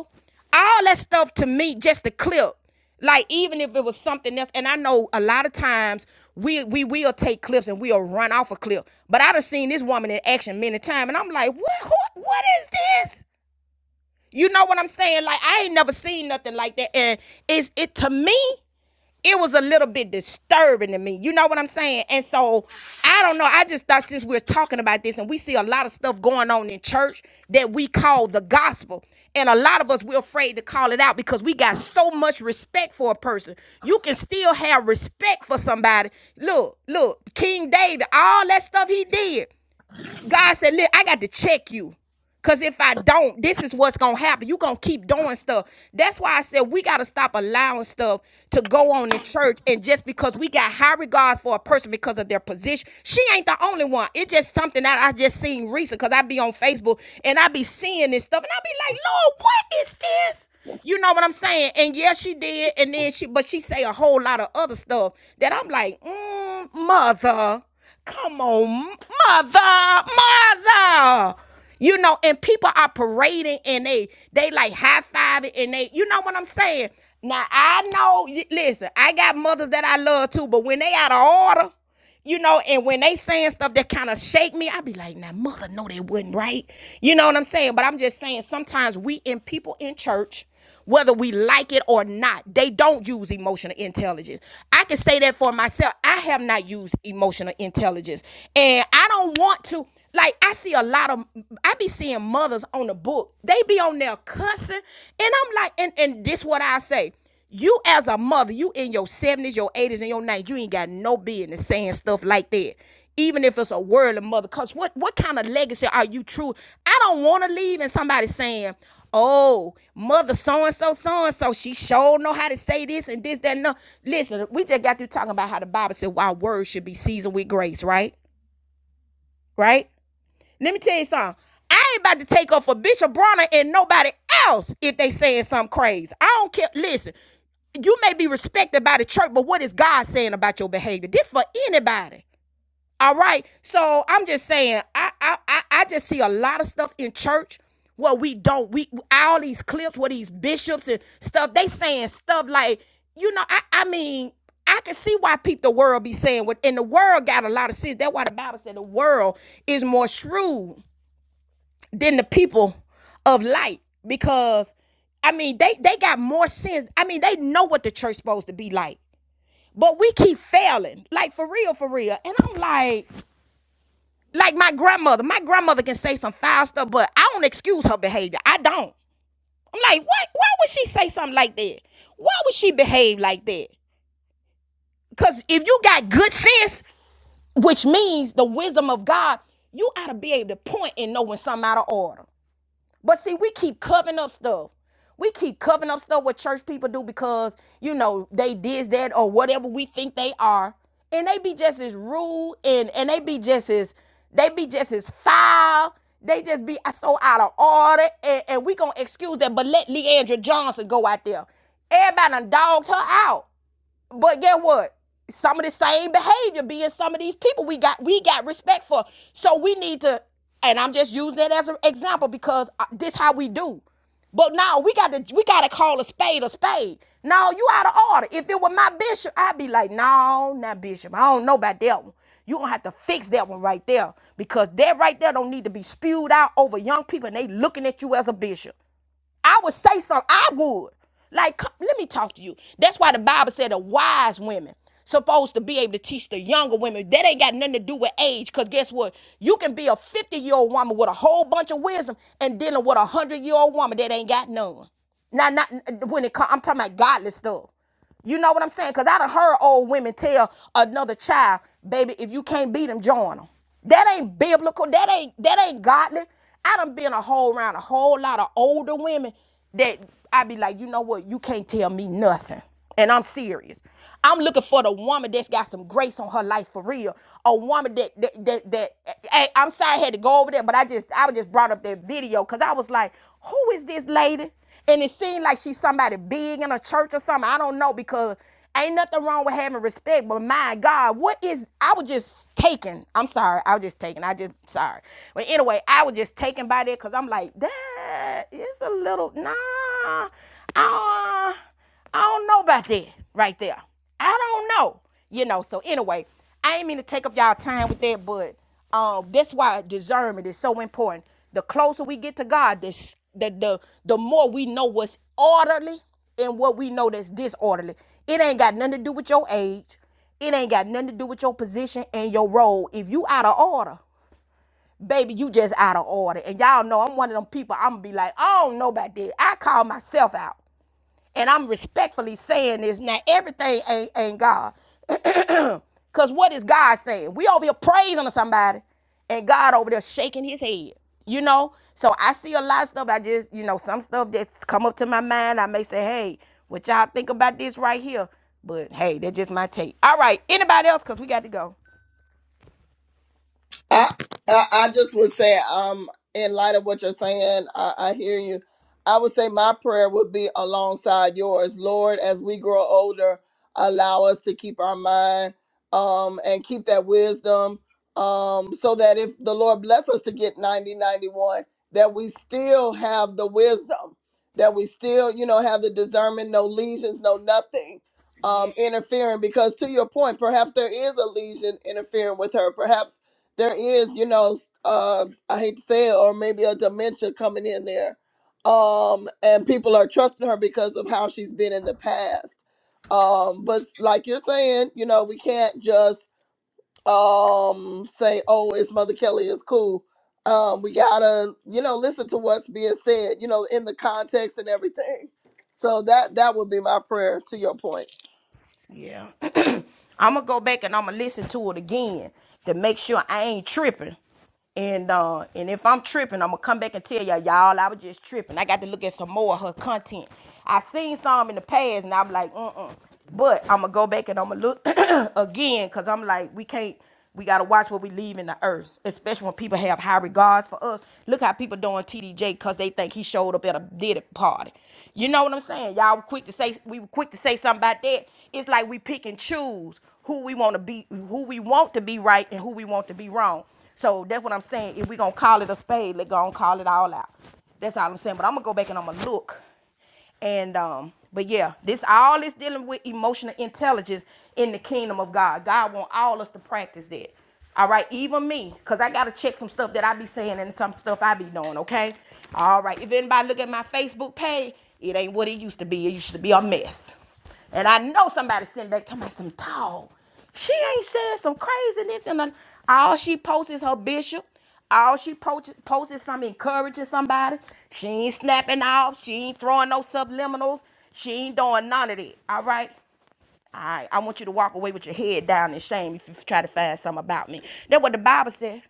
[SPEAKER 1] all that stuff to me, just the clip. Like even if it was something else, and I know a lot of times we we will take clips and we'll run off a clip. But I done seen this woman in action many times, and I'm like, what who, what is this? You know what I'm saying? Like I ain't never seen nothing like that, and it's it to me it was a little bit disturbing to me. You know what I'm saying? And so I don't know. I just thought since we're talking about this and we see a lot of stuff going on in church that we call the gospel. And a lot of us we're afraid to call it out because we got so much respect for a person. You can still have respect for somebody. Look, look, King David, all that stuff he did. God said, Look, I got to check you. Because if I don't, this is what's going to happen. you going to keep doing stuff. That's why I said we got to stop allowing stuff to go on in church. And just because we got high regards for a person because of their position, she ain't the only one. It's just something that I just seen recent because I be on Facebook and I be seeing this stuff. And I be like, Lord, what is this? You know what I'm saying? And yeah, she did. And then she, but she say a whole lot of other stuff that I'm like, mm, mother. Come on, mother, mother. You know, and people are parading and they they like high fiving and they, you know what I'm saying? Now I know, listen, I got mothers that I love too, but when they out of order, you know, and when they saying stuff that kind of shake me, I be like, now mother, no, they wasn't right. You know what I'm saying? But I'm just saying sometimes we in people in church whether we like it or not. They don't use emotional intelligence. I can say that for myself. I have not used emotional intelligence. And I don't want to like I see a lot of I be seeing mothers on the book. They be on there cussing. And I'm like, and, and this what I say. You as a mother, you in your 70s, your 80s, and your 90s, you ain't got no business saying stuff like that. Even if it's a worldly mother, because what, what kind of legacy are you true? I don't want to leave and somebody saying, oh, mother so-and-so, so-and-so, she sure know how to say this and this, that, and no. Listen, we just got through talking about how the Bible said our words should be seasoned with grace, right? Right? Let me tell you something. I ain't about to take up for Bishop Bronner and nobody else if they saying something crazy. I don't care. Listen, you may be respected by the church, but what is God saying about your behavior? This for anybody. All right. So I'm just saying, I I I just see a lot of stuff in church where we don't we all these clips where these bishops and stuff, they saying stuff like, you know, I I mean, I can see why people the world be saying what and the world got a lot of sense. That's why the Bible said the world is more shrewd than the people of light because I mean they they got more sense. I mean they know what the church supposed to be like. But we keep failing. Like for real, for real. And I'm like, like my grandmother. My grandmother can say some foul stuff, but I don't excuse her behavior. I don't. I'm like, what why would she say something like that? Why would she behave like that? Because if you got good sense, which means the wisdom of God, you ought to be able to point and know when something out of order. But see, we keep covering up stuff. We keep covering up stuff what church people do because, you know, they did that or whatever we think they are. And they be just as rude and and they be just as they be just as foul. They just be so out of order. And, and we gonna excuse that, but let Leandra Johnson go out there. Everybody done dogged her out. But get what? Some of the same behavior being some of these people we got we got respect for. So we need to, and I'm just using it as an example because uh, this how we do. But now we got to we got to call a spade a spade. No, you out of order. If it were my bishop, I'd be like, no, not bishop. I don't know about that one. You gonna have to fix that one right there because that right there don't need to be spewed out over young people and they looking at you as a bishop. I would say something. I would. Like, come, let me talk to you. That's why the Bible said the wise women supposed to be able to teach the younger women. That ain't got nothing to do with age. Cause guess what? You can be a 50-year-old woman with a whole bunch of wisdom and dealing with a hundred-year-old woman that ain't got none. Now, not when it comes, I'm talking about godly stuff. You know what I'm saying? Because I done heard old women tell another child, baby, if you can't beat them, join them. That ain't biblical. That ain't that ain't godly. I done been a whole round a whole lot of older women that I be like, you know what? You can't tell me nothing. And I'm serious. I'm looking for the woman that's got some grace on her life for real. A woman that that that, that hey, I'm sorry I had to go over there, but I just I just brought up that video because I was like, who is this lady? And it seemed like she's somebody big in a church or something. I don't know because ain't nothing wrong with having respect, but my God, what is I was just taken. I'm sorry, I was just taken. I just sorry. But anyway, I was just taken by that because I'm like, damn uh, it's a little nah. I don't, I don't know about that right there. I don't know. You know, so anyway, I ain't mean to take up y'all time with that, but um that's why discernment is so important. The closer we get to God, the the the, the more we know what's orderly and what we know that's disorderly. It ain't got nothing to do with your age. It ain't got nothing to do with your position and your role. If you out of order, baby, you just out of order. And y'all know I'm one of them people, I'm gonna be like, I don't know about that. I call myself out. And I'm respectfully saying this. Now, everything ain't, ain't God. Because what is God saying? We over here praising to somebody, and God over there shaking his head, you know? So I see a lot of stuff. I just, you know, some stuff that's come up to my mind. I may say, hey, what y'all think about this right here? But hey, that's just my take. All right, anybody else? Because we got to go.
[SPEAKER 4] I, I I just would say, um, in light of what you're saying, I, I hear you. I would say my prayer would be alongside yours, Lord. As we grow older, allow us to keep our mind, um, and keep that wisdom, um, so that if the Lord bless us to get 90, 91, that we still have the wisdom, that we still, you know, have the discernment, no lesions, no nothing,
[SPEAKER 1] Yeah.
[SPEAKER 4] um, interfering. Because to your point, perhaps there is a lesion interfering with her, perhaps there is, you know, uh, I hate to say it, or maybe a dementia coming in there. Um, and people are trusting her because of how she's been in the past. Um, but like you're saying, you know, we can't just um say, oh, it's Mother Kelly, it's cool. Um, we gotta, you know, listen to what's being said, you know, in the context and everything. So that that would be my prayer to your point.
[SPEAKER 1] Yeah. I'm gonna go back and I'm gonna listen to it again to make sure I ain't tripping. And uh, and if I'm tripping, I'm gonna come back and tell y'all, y'all, I was just tripping. I got to look at some more of her content. I seen some in the past, and I'm like, mm mm. But I'm gonna go back and I'm gonna look again, cause I'm like, we can't. We gotta watch what we leave in the earth, especially when people have high regards for us. Look how people doing TDJ because they think he showed up at a did it party. You know what I'm saying? Y'all were quick to say we were quick to say something about that. It's like we pick and choose who we want to be, who we want to be right, and who we want to be wrong. So that's what I'm saying. If we gonna call it a spade, let's go and call it all out. That's all I'm saying. But I'm gonna go back and I'm gonna look. And um, but yeah, this all is dealing with emotional intelligence in the kingdom of God. God want all us to practice that. All right, even me, cause I gotta check some stuff that I be saying and some stuff I be doing. Okay. All right. If anybody look at my Facebook page, it ain't what it used to be. It used to be a mess. And I know somebody sitting back talking about some dog. She ain't said some craziness. And all she posts is her bishop. All she po- posts post is some encouraging somebody. She ain't snapping off. She ain't throwing no subliminals. She ain't doing none of that. All right. I, I want you to walk away with your head down in shame if you try to find something about me. That's what the Bible said.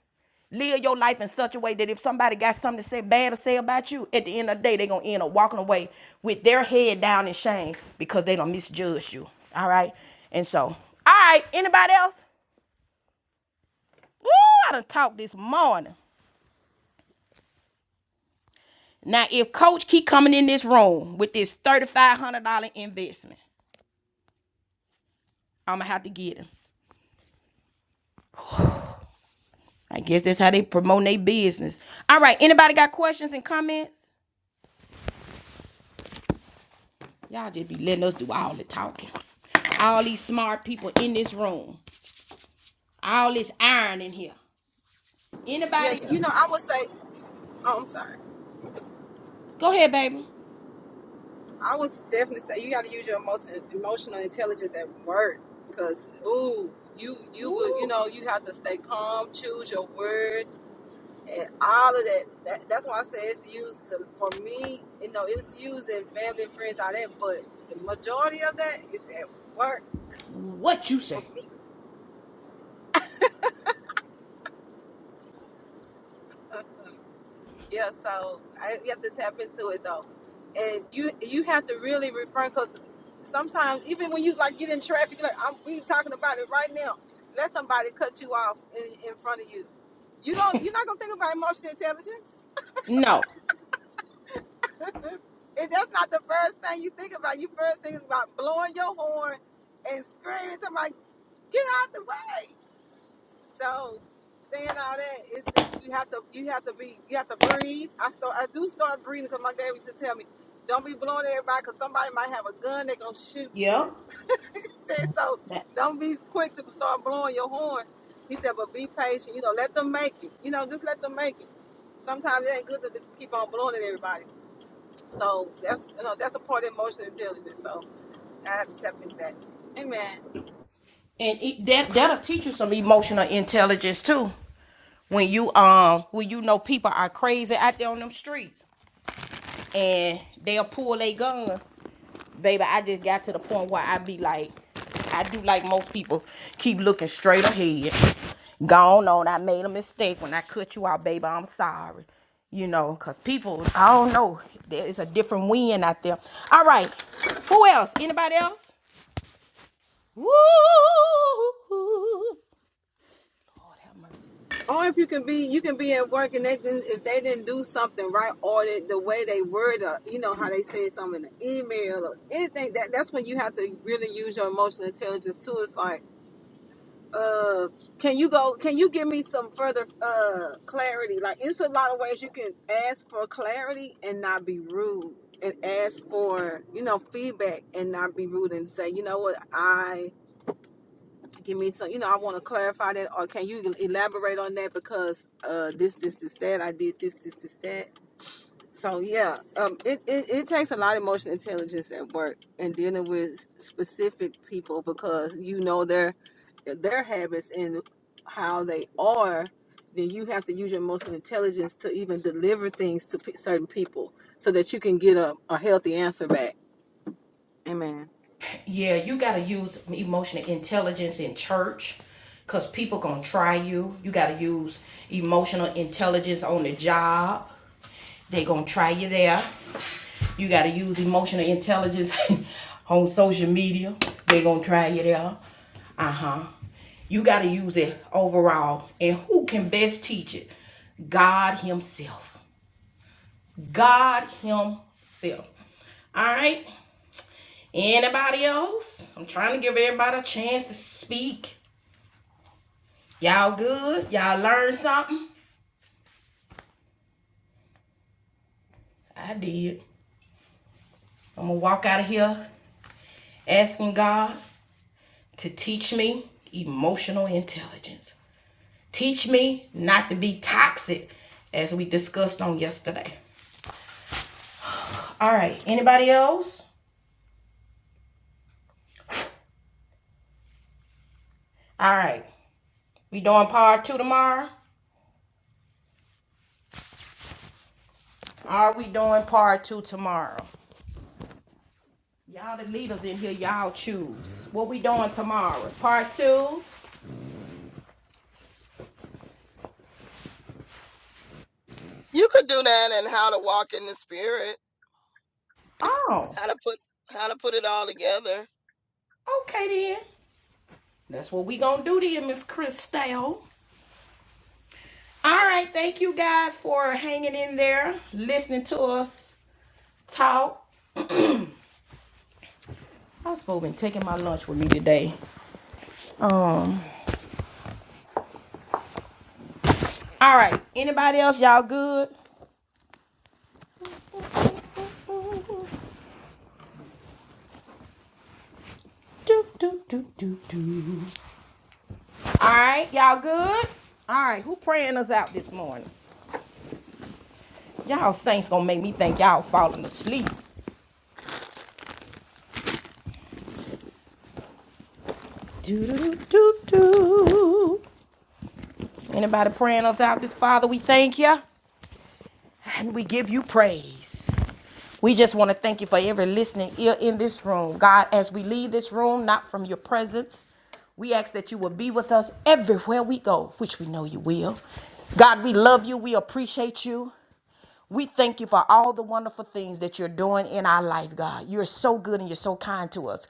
[SPEAKER 1] Live your life in such a way that if somebody got something to say bad to say about you, at the end of the day, they're going to end up walking away with their head down in shame because they don't misjudge you. All right? And so, all right, anybody else? Woo, I done talked this morning. Now, if Coach keep coming in this room with this $3,500 investment, I'm going to have to get him. I guess that's how they promote their business. All right, anybody got questions and comments? Y'all just be letting us do all the talking. All these smart people in this room. All this iron in here.
[SPEAKER 3] Yeah,
[SPEAKER 1] Anybody
[SPEAKER 3] you
[SPEAKER 1] else?
[SPEAKER 3] know, I would say, oh, I'm sorry.
[SPEAKER 1] Go ahead, baby.
[SPEAKER 3] I would definitely say you got to use your emotion, emotional intelligence at work because, ooh, you you would, you know, you have to stay calm, choose your words, and all of that, that that's why I say it's used to, for me, you know, it's used in family and friends, all that, but the majority of that is at work
[SPEAKER 1] What you
[SPEAKER 3] for
[SPEAKER 1] say?
[SPEAKER 3] me. Yeah, so I you have to tap into it though. And you you have to really refrain because sometimes even when you like get in traffic, you're like I'm we talking about it right now. Let somebody cut you off in, in front of you. You don't you're not gonna think about emotional intelligence.
[SPEAKER 1] No.
[SPEAKER 3] If that's not the first thing you think about, you first think about blowing your horn and screaming to my. get out the way. So saying all that, it's, it's you have to you have to be you have to breathe. I start I do start breathing because my dad used to tell me, don't be blowing at everybody because somebody might have a gun they gonna shoot you. he said so. Don't be quick to start blowing your horn. He said, but be patient. You know, let them make it. You know, just let them make it. Sometimes it ain't good to to keep on blowing at everybody. So that's you know that's a part of emotional intelligence. So I have to step into that. Amen.
[SPEAKER 1] And it, that that'll teach you some emotional intelligence too. When you um when you know people are crazy out there on them streets and they'll pull a gun baby, I just got to the point where I be like, I do like most people, keep looking straight ahead. Gone on, I made a mistake when I cut you out, baby. I'm sorry. You know, cause people, I don't know. There's a different wind out there. All right. Who else? Anybody else? Woo! Lord have mercy.
[SPEAKER 3] Or if you can be, you can be at work and they didn't, if they didn't do something right, or the, the way they word up, you know how they said something in the email or anything. That that's when you have to really use your emotional intelligence too. It's like, uh, can you go? Can you give me some further uh clarity? Like, it's a lot of ways you can ask for clarity and not be rude, and ask for you know feedback and not be rude and say, you know what, I give me some you know i want to clarify that or can you elaborate on that because uh this this this that i did this this this that so yeah um it, it it takes a lot of emotional intelligence at work and dealing with specific people because you know their their habits and how they are then you have to use your emotional intelligence to even deliver things to p- certain people so that you can get a, a healthy answer back amen
[SPEAKER 1] Yeah, you got to use emotional intelligence in church because people going to try you. You got to use emotional intelligence on the job. They going to try you there. You got to use emotional intelligence on social media. They going to try you there. Uh-huh. You got to use it overall. And who can best teach it? God himself. God himself. All right? Anybody else? I'm trying to give everybody a chance to speak. Y'all good? Y'all learned something? I did. I'm gonna walk out of here asking God to teach me emotional intelligence. Teach me not to be toxic as we discussed on yesterday. All right, anybody else? All right, we doing part two tomorrow? Are we doing part two tomorrow? Y'all the leaders in here, y'all choose. What we doing tomorrow? Part two?
[SPEAKER 4] You could do that and how to walk in the spirit,
[SPEAKER 1] Oh,
[SPEAKER 4] how to put how to put it all together
[SPEAKER 1] Okay then. That's what we gonna do then, Miss Christelle. All right, thank you guys for hanging in there, listening to us talk. I was supposed to be taking my lunch with me today. Um. All right. Anybody else? Y'all good? Do, do, do, do, do. All right, y'all good? All right, who praying us out this morning? Y'all saints gonna make me think y'all falling asleep. Do, do, do, do, do. Anybody praying us out this Father? We thank you. and we give you praise. We just want to thank you for every listening ear in this room. God, as we leave this room, not from your presence, we ask that you will be with us everywhere we go, which we know you will. God, we love you. We appreciate you. We thank you for all the wonderful things that you're doing in our life, God. You're so good and you're so kind to us.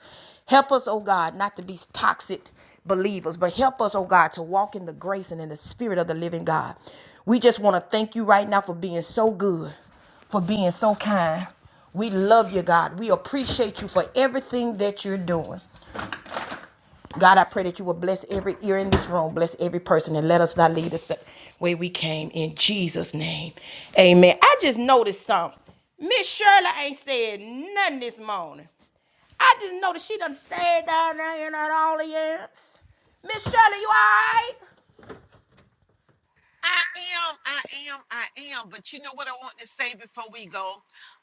[SPEAKER 1] Help us, oh God, not to be toxic believers, but help us, oh God, to walk in the grace and in the spirit of the living God. We just want to thank you right now for being so good, for being so kind. We love you, God. We appreciate you for everything that you're doing. God, I pray that you will bless every ear in this room, bless every person, and let us not leave the sa- way we came in Jesus' name. Amen. I just noticed something. Miss Shirley ain't said nothing this morning. I just noticed she done stayed down there in that audience. Miss Shirley, you alright?
[SPEAKER 7] I am, I am, I am. But you know what I want to say before we go?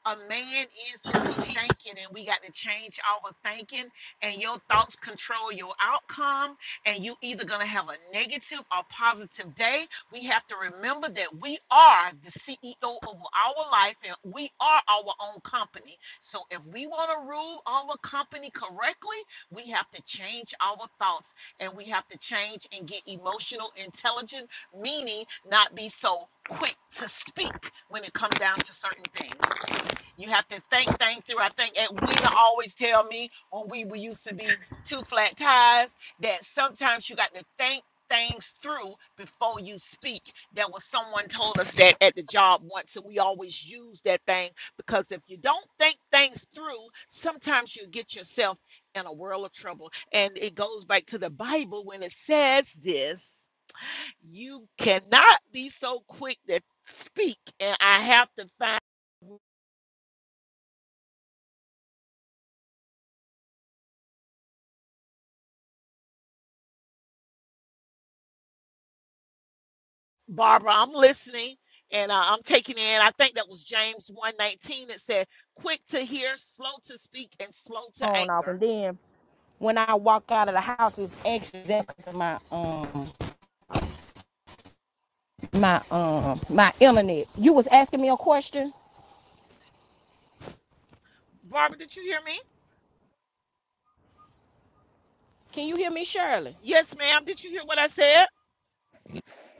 [SPEAKER 7] A man is who he thinking, and we got to change our thinking. And your thoughts control your outcome. And you either gonna have a negative or positive day. We have to remember that we are the CEO of our life, and we are our own company. So if we want to rule our company correctly, we have to change our thoughts, and we have to change and get emotional intelligence meaning not be so quick to speak when it come down to certain things. You have to think things through. I think Edwina always tell me when we, we used to be two flat tires that sometimes you got to think things through before you speak. There was someone told us that at the job once, and we always use that thing because if you don't think things through, sometimes you get yourself in a world of trouble. And it goes back to the Bible when it says this you cannot be so quick to speak, and I have to find Barbara. I'm listening, and uh, I'm taking in. I think that was James one nineteen that said, "Quick to hear, slow to speak, and slow to
[SPEAKER 1] On off,
[SPEAKER 7] anger."
[SPEAKER 1] and then when I walk out of the house, it's anxious because of my um my um my internet. You was asking me a question.
[SPEAKER 7] Barbara, did you hear me?
[SPEAKER 1] Can you hear me, Shirley?
[SPEAKER 7] Yes, ma'am. Did you hear what I said?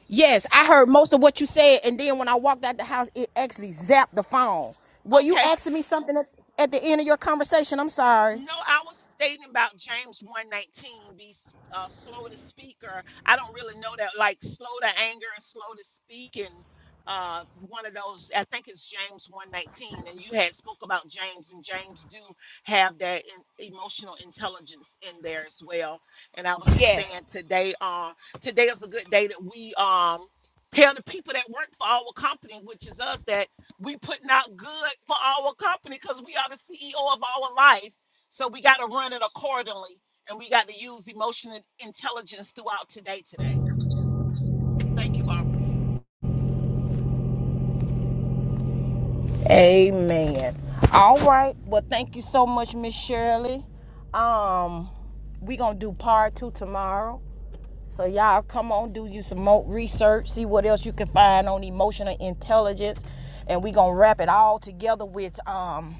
[SPEAKER 1] Yes, I heard most of what you said, and then when I walked out the house, it actually zapped the phone. Were you
[SPEAKER 7] Okay.
[SPEAKER 1] asking me something at, at the end of your conversation? I'm sorry.
[SPEAKER 7] No, I was stating about James 119, be uh, slow to speak, or I don't really know that, like slow to anger and slow to speak, and uh, one of those, I think it's James 119, and you had spoke about James, and James do have that in, emotional intelligence in there as well. And I was just
[SPEAKER 1] Yes.
[SPEAKER 7] saying today, um, today is a good day that we um, tell the people that work for our company, which is us, that we putting out good for our company because we are the CEO of our life. So we got to run it accordingly, and we got to use emotional intelligence throughout today. Today, thank you, Barbara.
[SPEAKER 1] Amen. All right. Well, thank you so much, Miss Shirley. Um, we gonna do part two tomorrow. So y'all come on, do you some more research, see what else you can find on emotional intelligence, and we gonna wrap it all together with um.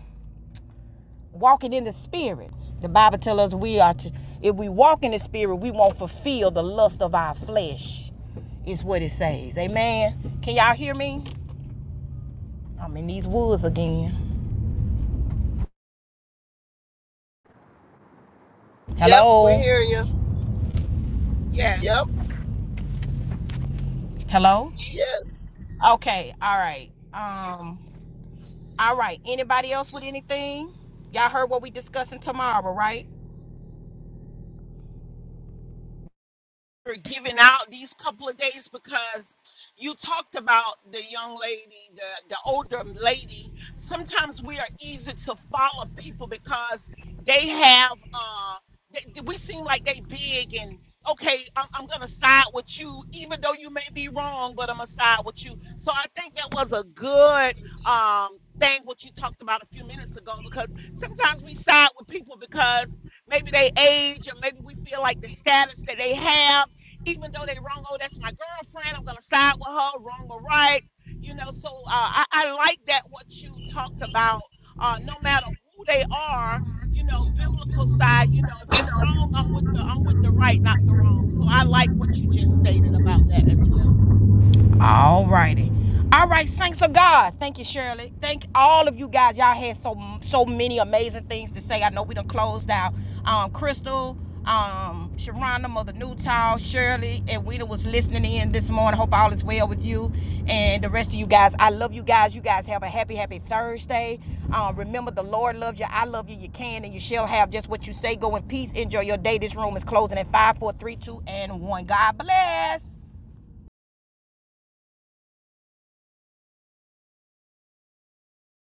[SPEAKER 1] walking in the spirit. The Bible tells us we are to, if we walk in the spirit, we won't fulfill the lust of our flesh, is what it says. Amen. Can y'all hear me? I'm in these woods again.
[SPEAKER 4] Yep, we
[SPEAKER 1] Hello?
[SPEAKER 4] hear you.
[SPEAKER 7] Yes.
[SPEAKER 4] Yep,
[SPEAKER 1] Hello?
[SPEAKER 4] yes.
[SPEAKER 1] Okay, all right. Um, all right. Anybody else with anything? Y'all heard what we discussing tomorrow, right?
[SPEAKER 7] for giving out these couple of days because you talked about the young lady, the, the older lady. Sometimes we are easy to follow people because they have, uh, they, we seem like they big and okay, I'm, I'm gonna side with you, even though you may be wrong, but I'm gonna side with you. So I think that was a good um, thing what you talked about a few minutes ago because sometimes we side with people because maybe they age or maybe we feel like the status that they have even though they wrong, oh, that's my girlfriend, I'm gonna side with her, wrong or right. You know, so uh, I, I like that what you talked about. Uh, no matter who they are, you know, biblical side, you know, if you wrong, I'm with the I'm with the right, not the wrong. So I like what you just stated about that as well.
[SPEAKER 1] All righty. All right, saints of God. Thank you, Shirley. Thank all of you guys. Y'all had so so many amazing things to say. I know we done closed out. Um, Crystal, um, Sharonda, Mother Newtown, Shirley, and Wita was listening in this morning. Hope all is well with you and the rest of you guys. I love you guys. You guys have a happy, happy Thursday. Um, remember, the Lord loves you. I love you. You can and you shall have just what you say. Go in peace. Enjoy your day. This room is closing at five, four, three, two, and 1. God bless.